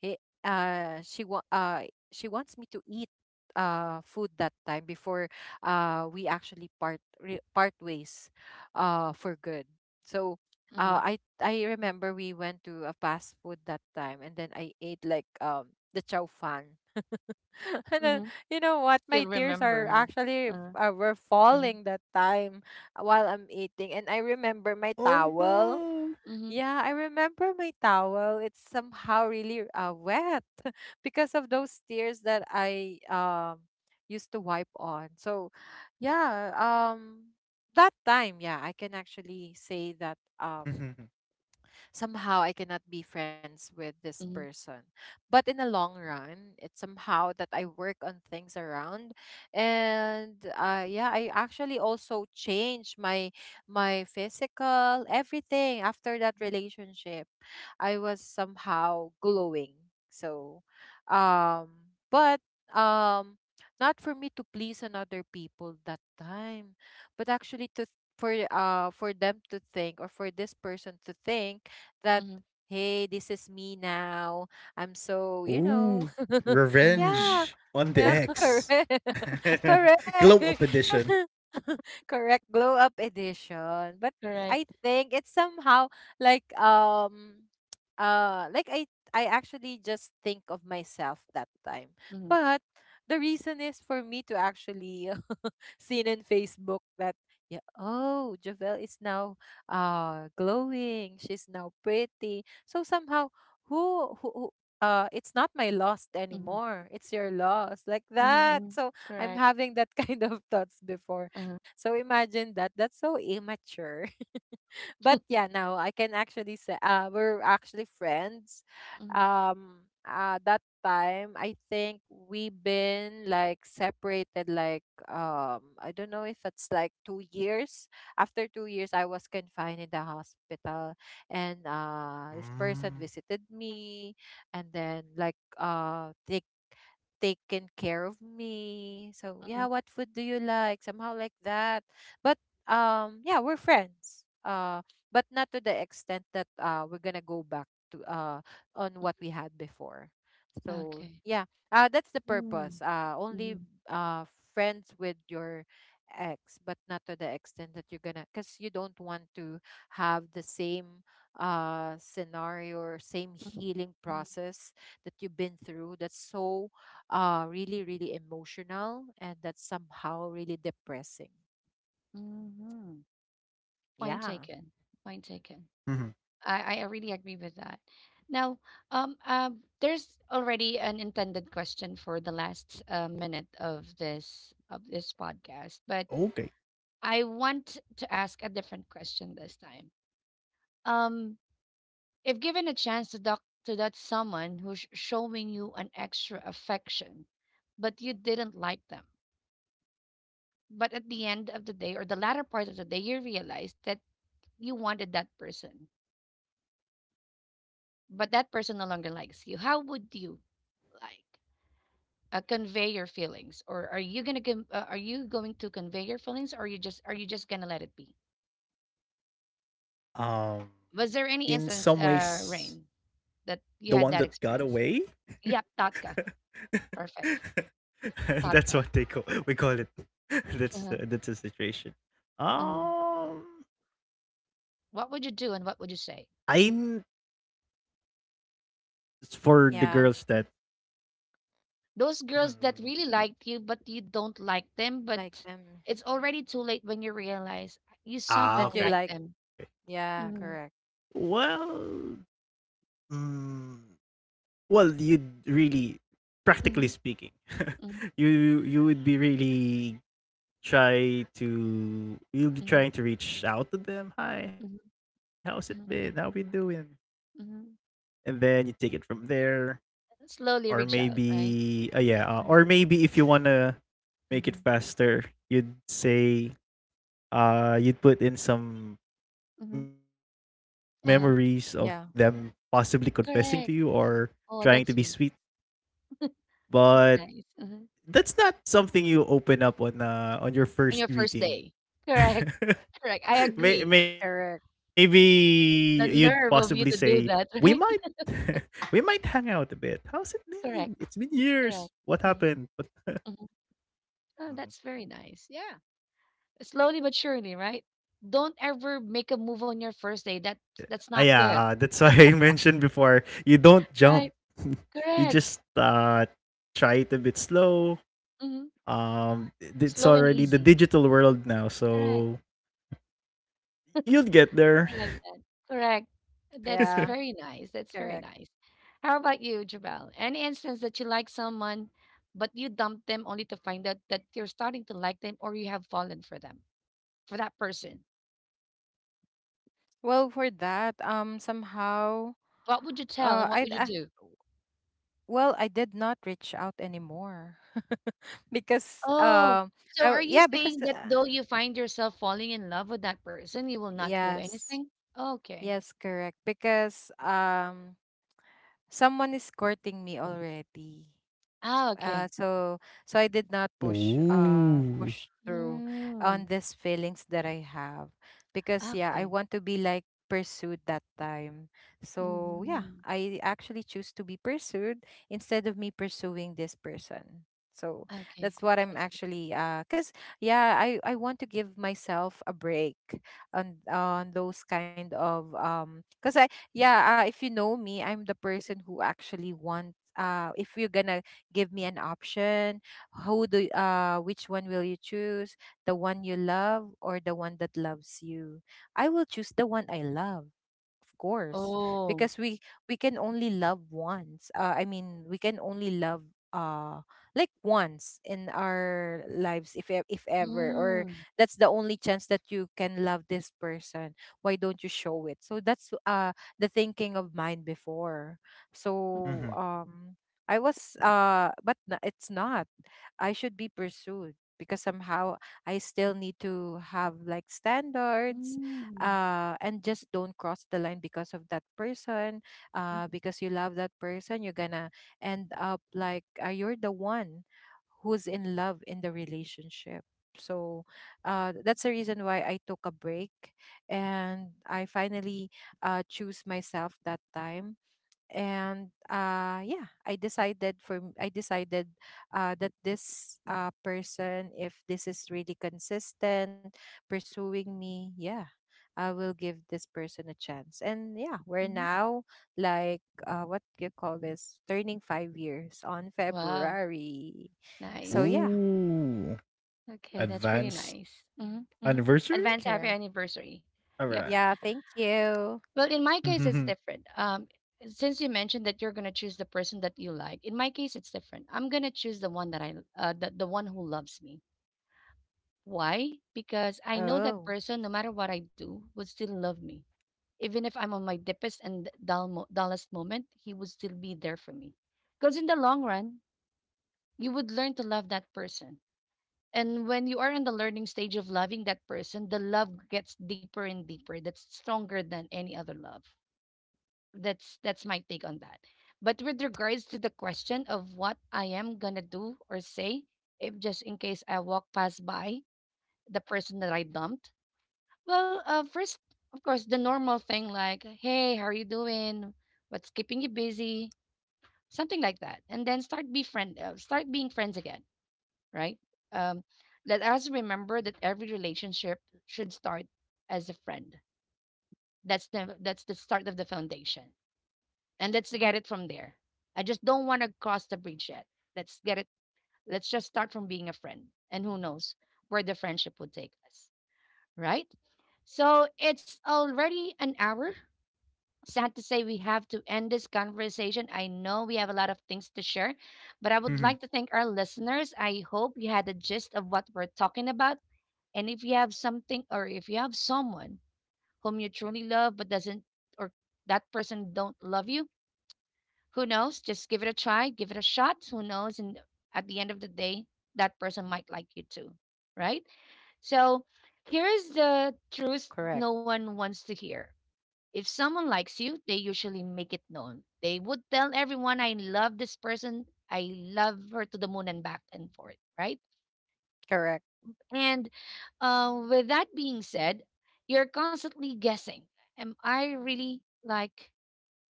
Speaker 3: he uh she wa- uh she wants me to eat uh food that time before uh we actually part re- part ways uh for good. So
Speaker 1: Mm-hmm.
Speaker 3: uh I I remember we went to a fast food that time and then I ate like um the chow fan. And then
Speaker 1: Mm-hmm.
Speaker 3: you know what, my
Speaker 1: Still
Speaker 3: tears
Speaker 1: remember,
Speaker 3: are
Speaker 1: huh?
Speaker 3: actually
Speaker 1: Uh,
Speaker 3: uh, were
Speaker 1: uh,
Speaker 3: falling that time while I'm eating, and I remember my
Speaker 2: Oh,
Speaker 3: towel,
Speaker 2: no.
Speaker 1: mm-hmm.
Speaker 3: yeah, I remember my towel. It's somehow really uh, wet because of those tears that I um used to wipe on. So, yeah, um that time, yeah, I can actually say that um somehow I cannot be friends with this
Speaker 1: Mm-hmm.
Speaker 3: person. But in the long run, it's somehow that I work on things around, and uh, yeah, I actually also change my my physical everything after that
Speaker 1: Mm-hmm.
Speaker 3: relationship. I was somehow glowing. So, um, but um, not for me to please another people that time, but actually to th- for uh for them to think or for this person to think that,
Speaker 1: Mm-hmm.
Speaker 3: hey, this is me now. I'm so, you know,
Speaker 2: Ooh.
Speaker 1: Mm-hmm. Mm-hmm.
Speaker 3: yeah,
Speaker 2: Revenge on the
Speaker 3: yeah,
Speaker 2: X.
Speaker 3: correct. Correct.
Speaker 2: Glow Up Edition.
Speaker 3: Correct. Glow up edition. But
Speaker 1: Correct.
Speaker 3: I think it's somehow like um uh like I I actually just think of myself that time.
Speaker 1: Mm-hmm.
Speaker 3: But the reason is for me to actually seen in Facebook that, yeah, oh, Javel is now uh glowing. She's now pretty. So somehow who who uh it's not my loss
Speaker 1: Mm-hmm.
Speaker 3: anymore, it's your loss, like
Speaker 1: Mm-hmm.
Speaker 3: that.
Speaker 1: Mm-hmm.
Speaker 3: So I'm
Speaker 1: Correct.
Speaker 3: having that kind of thoughts before.
Speaker 1: Uh-huh.
Speaker 3: So imagine that, that's so immature. But, yeah, now I can actually say uh, we're actually friends.
Speaker 1: Mm-hmm.
Speaker 3: Um, uh, that time I think we been like separated like um I don't know if it's like two years. After two years, I was confined in the hospital, and uh, this person
Speaker 2: Mm.
Speaker 3: visited me, and then like uh take taken care of me. So,
Speaker 1: Mm-hmm.
Speaker 3: yeah, what food do you like? Somehow like that. But um yeah, we're friends. Um but not to the extent that uh, we're gonna go back to uh, on what we had before. So,
Speaker 1: Okay.
Speaker 3: yeah, uh, that's the
Speaker 1: Hmm.
Speaker 3: purpose. Uh, only
Speaker 1: Mm-hmm.
Speaker 3: uh, friends with your ex, but not to the extent that you're gonna, because you don't want to have the same uh scenario or same
Speaker 1: Mm-hmm.
Speaker 3: healing process that you've been through. That's so uh really really emotional, and that's somehow really depressing.
Speaker 1: Mm-hmm. Point
Speaker 3: Yeah,
Speaker 1: taken. Point
Speaker 2: Mhm.
Speaker 1: taken. I, I really agree with that. Now, um, um, there's already an intended question for the last uh, minute of this of this podcast, but
Speaker 2: Okay.
Speaker 1: I want to ask a different question this time. Um, if given a chance to talk to that someone who's showing you an extra affection, but you didn't like them, but at the end of the day or the latter part of the day, you realize that you wanted that person but that person no longer likes you, how would you like uh, convey your feelings, or are you gonna con- uh, are you going to convey your feelings, or you just are you just gonna let it be?
Speaker 2: Um, in
Speaker 1: Was there
Speaker 2: some
Speaker 1: any instance,
Speaker 2: ways,
Speaker 1: uh, Rain, that
Speaker 2: the one
Speaker 1: you had
Speaker 2: that
Speaker 1: that
Speaker 2: got away.
Speaker 1: experience? Yep, tatka, perfect,
Speaker 2: That's
Speaker 1: tatka,
Speaker 2: what they call we call it. That's
Speaker 1: uh-huh.
Speaker 2: uh, that's a situation.
Speaker 1: Hmm.
Speaker 2: Um,
Speaker 1: What would you do and what would you
Speaker 2: I'm
Speaker 1: say?
Speaker 2: It's for the girls
Speaker 3: yeah,
Speaker 2: that
Speaker 1: Mhm. Those girls
Speaker 2: Mhm.
Speaker 1: that really liked you but you don't like them,
Speaker 3: like
Speaker 1: but
Speaker 3: um
Speaker 1: it's already too late when you realize you
Speaker 3: that
Speaker 2: ah,
Speaker 1: somehow
Speaker 3: you
Speaker 1: like
Speaker 2: okay.
Speaker 3: like.
Speaker 1: them.
Speaker 3: Yeah,
Speaker 1: Mm-hmm.
Speaker 3: correct.
Speaker 2: Well, Mm, well, you'd really, practically
Speaker 1: Mm-hmm.
Speaker 2: speaking,
Speaker 1: Mm-hmm.
Speaker 2: you you would be really try to you'll be
Speaker 1: Mm-hmm.
Speaker 2: trying to reach out to them. Hi, how's it been? How we
Speaker 1: Mm-hmm.
Speaker 2: doing?
Speaker 1: Mhm.
Speaker 2: And then you take it from there, or
Speaker 1: Slowly reach out, right?
Speaker 2: maybe uh, yeah, uh,
Speaker 1: Mhm,
Speaker 2: or maybe if you wanna make it
Speaker 1: mhm,
Speaker 2: faster, you'd say uh you'd put in some
Speaker 1: mhm.
Speaker 2: memories of
Speaker 1: Uh-huh.
Speaker 2: them
Speaker 3: Yeah,
Speaker 2: possibly confessing to you,
Speaker 1: Correct.
Speaker 2: or
Speaker 1: Oh,
Speaker 2: trying to
Speaker 1: that's
Speaker 2: be
Speaker 1: sweet.
Speaker 2: sweet,
Speaker 1: That's nice.
Speaker 2: but
Speaker 1: Mhm.
Speaker 2: that's not something you open up on
Speaker 1: On your
Speaker 2: uh, on
Speaker 1: first
Speaker 2: your
Speaker 1: day.
Speaker 2: first greeting.
Speaker 1: Correct. Correct. I agree.
Speaker 3: correct.
Speaker 2: May-
Speaker 1: The
Speaker 2: maybe you'd
Speaker 1: nerve of you
Speaker 2: possibly
Speaker 1: to do that,
Speaker 2: say,
Speaker 1: right?
Speaker 2: "We might, we might hang out a bit. How's it
Speaker 1: Correct.
Speaker 2: been? It's been
Speaker 1: Correct.
Speaker 2: years.
Speaker 1: Mhm,
Speaker 2: What happened?" But
Speaker 1: mhm. Oh, that's very
Speaker 2: uh,
Speaker 1: nice. Yeah. Slowly but surely, right? Don't ever make a move on your first day. That that's not
Speaker 2: yeah,
Speaker 1: good.
Speaker 2: uh, that's why I mentioned before. You don't jump.
Speaker 1: Right?
Speaker 2: You
Speaker 1: Correct.
Speaker 2: just uh, try it a bit slow.
Speaker 1: Hmm.
Speaker 2: Um, it's
Speaker 1: Slow and
Speaker 2: already the
Speaker 1: easy.
Speaker 2: digital world now,
Speaker 1: Correct.
Speaker 2: so you'll get there.
Speaker 1: Like that. Correct. That's
Speaker 3: Yeah,
Speaker 1: very nice. That's very
Speaker 3: correct.
Speaker 1: nice. How about you, Jabal? Any instance that you like someone, but you dump them only to find out that you're starting to like them or you have fallen for them, for that person?
Speaker 3: Well, for that, um, somehow,
Speaker 1: What would you tell
Speaker 3: uh,
Speaker 1: and what
Speaker 3: I,
Speaker 1: would you
Speaker 3: uh,
Speaker 1: do?
Speaker 3: well, I did not reach out anymore. Because,
Speaker 1: Oh,
Speaker 3: um,
Speaker 1: so
Speaker 3: I,
Speaker 1: are you
Speaker 3: yeah, because,
Speaker 1: saying
Speaker 3: uh,
Speaker 1: that though you find yourself falling in love with that person, you will not do
Speaker 3: yes,
Speaker 1: anything? Okay.
Speaker 3: yes, correct. Because, um, someone is courting me already.
Speaker 1: Ah, okay.
Speaker 3: uh, so so I did not push uh
Speaker 2: Ooh.
Speaker 3: push through
Speaker 1: Mm,
Speaker 3: on these feelings that I have, because, yeah, I
Speaker 1: okay.
Speaker 3: want to be like pursued that time. So, yeah,
Speaker 1: hmm
Speaker 3: I actually choose to be pursued instead of me pursuing this person. So
Speaker 1: Okay.
Speaker 3: that's what I'm
Speaker 1: I see.
Speaker 3: actually uh cuz, yeah, I I want to give myself a break on on those kind of um cuz I, yeah, uh, if you know me, I'm the person who actually wants uh if you're gonna give me an option, who do y- uh which one will you choose, the one you love or the one that loves you? I will choose the one I love, of course,
Speaker 1: Oh.
Speaker 3: because we we can only love once, uh, I mean, we can only love uh like once in our lives, if e- if ever, or
Speaker 1: Mm-hmm.
Speaker 3: that's the only chance that you can love this person. Why don't you show it? So that's uh the thinking of mine before. So
Speaker 2: Hmm.
Speaker 3: um I was uh but n- it's not, I should be pursued because somehow I still need to have like standards,
Speaker 1: Mm.
Speaker 3: uh, and just don't cross the line because of that person.
Speaker 1: Mhm,
Speaker 3: Uh, because you love that person, you're gonna end up like, uh, you're the one who's in love in the relationship. So, uh, that's the reason why I took a break, and I finally uh, choose myself that time. And uh yeah, I decided for m- i decided uh that this uh person, if this is really consistent pursuing me, yeah, I will give this person a chance. And, yeah, we're
Speaker 1: mhm.
Speaker 3: now, like, uh what do you call this, turning five years on
Speaker 1: Wow,
Speaker 3: February. So,
Speaker 1: nice.
Speaker 3: yeah.
Speaker 2: Ooh.
Speaker 1: Okay, that's pretty
Speaker 2: Advanced
Speaker 1: nice. hmm hmm
Speaker 2: anniversary?
Speaker 1: Advance happy
Speaker 3: Karen.
Speaker 1: anniversary.
Speaker 2: All
Speaker 1: Yep.
Speaker 2: right.
Speaker 3: Yeah, thank you.
Speaker 2: Mhm.
Speaker 1: Well, in my case, it's different. Um, since you mentioned that you're gonna choose the person that you like, in my case, it's different. I'm gonna choose the one that I, uh, the, the one who loves me. Why? Because I know that
Speaker 3: Oh,
Speaker 1: person, no matter what I do, would still love me. Even if I'm on my deepest and dull mo- dullest moment, he would still be there for me. Because in the long run, you would learn to love that person. And when you are in the learning stage of loving that person, the love gets deeper and deeper. That's stronger than any other love. That's that's my take on that. But with regards to the question of what I am gonna do or say, if just in case I walk past by the person that I dumped, well, uh, first, of course, the normal thing like, "Hey, how are you doing? What's keeping you busy?" Something like that, and then start be friend, uh, start being friends again, right? Um, let us remember that every relationship should start as a friend. That's the that's the start of the foundation, and let's get it from there. I just don't want to cross the bridge yet. Let's get it. Let's just start from being a friend, and who knows where the friendship will take us, right? So it's already an hour. Sad to say, we have to end this conversation. I know we have a lot of things to share, but I would
Speaker 2: Mhm.
Speaker 1: like to thank our listeners. I hope you had the gist of what we're talking about. And if you have something or if you have someone whom you truly love but doesn't, or that person don't love you, who knows? Just give it a try, give it a shot. Who knows? And at the end of the day, that person might like you too, right? So here is the truth no
Speaker 3: correct.
Speaker 1: one wants to hear. If someone likes you, they usually make it known. They would tell everyone, I love this person. I love her to the moon and back and forth, right?
Speaker 3: Correct.
Speaker 1: And uh, with that being said, you're constantly guessing. Am I really like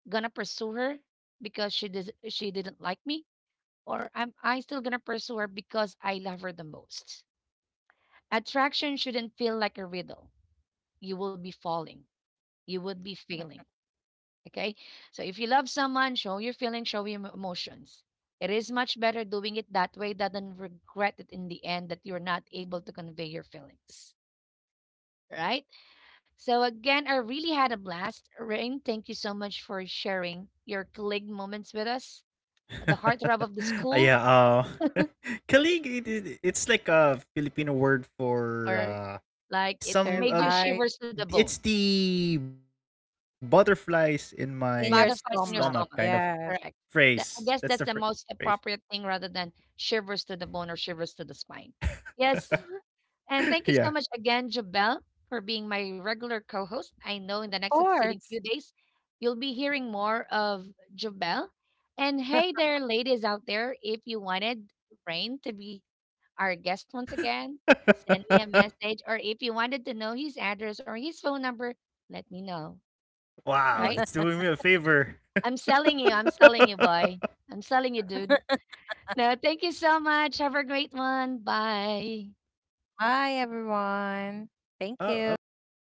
Speaker 1: gonna pursue her because she did she didn't like me, or am I still gonna pursue her because I love her the most? Attraction shouldn't feel like a riddle. You will be falling. You would be
Speaker 3: Mm,
Speaker 1: failing. Okay. So if you love someone, show your feelings, show your emotions. It is much better doing it that way than regret it in the end that you're not able to convey your feelings. Right? So again, I really had a blast. Rain, thank you so much for sharing your colleague moments with us. The heartthrob of the
Speaker 2: Uh,
Speaker 1: school,
Speaker 2: yeah. Uh, kalig. It, it, it's like a Filipino word for
Speaker 1: or
Speaker 2: uh,
Speaker 1: like it's
Speaker 2: some.
Speaker 1: made you
Speaker 2: Uh,
Speaker 3: terrified
Speaker 1: shivers to the
Speaker 2: it's
Speaker 1: bone,
Speaker 2: the butterflies in my
Speaker 3: in
Speaker 2: stomach
Speaker 3: your
Speaker 2: kind
Speaker 1: butterflies in
Speaker 2: of
Speaker 1: your
Speaker 3: stomach,
Speaker 1: stomach.
Speaker 3: yes.
Speaker 1: Correct.
Speaker 2: phrase.
Speaker 1: That,
Speaker 2: That's the
Speaker 1: I guess
Speaker 2: phra-
Speaker 1: that's the most
Speaker 2: phrase.
Speaker 1: appropriate thing rather than shivers to the bone or shivers to the spine. Yes.
Speaker 3: Mm.
Speaker 1: And thank you
Speaker 2: Yeah.
Speaker 1: so much again, Jabel, for being my regular co host. I know in the
Speaker 3: Of
Speaker 1: next succeeding few
Speaker 3: course.
Speaker 1: days, you'll be hearing more of Jabel. And hey there, ladies out there, if you wanted Rain to be our guest once again, send me a message. Or if you wanted to know his address or his phone number, let me know.
Speaker 2: Wow,
Speaker 1: Right?
Speaker 2: that's doing me a favor.
Speaker 1: I'm selling you. I'm selling you, boy. I'm selling you, dude. No, thank you so much. Have a great one. Bye.
Speaker 3: Bye, everyone. Thank
Speaker 2: Have a
Speaker 3: you.
Speaker 2: good day.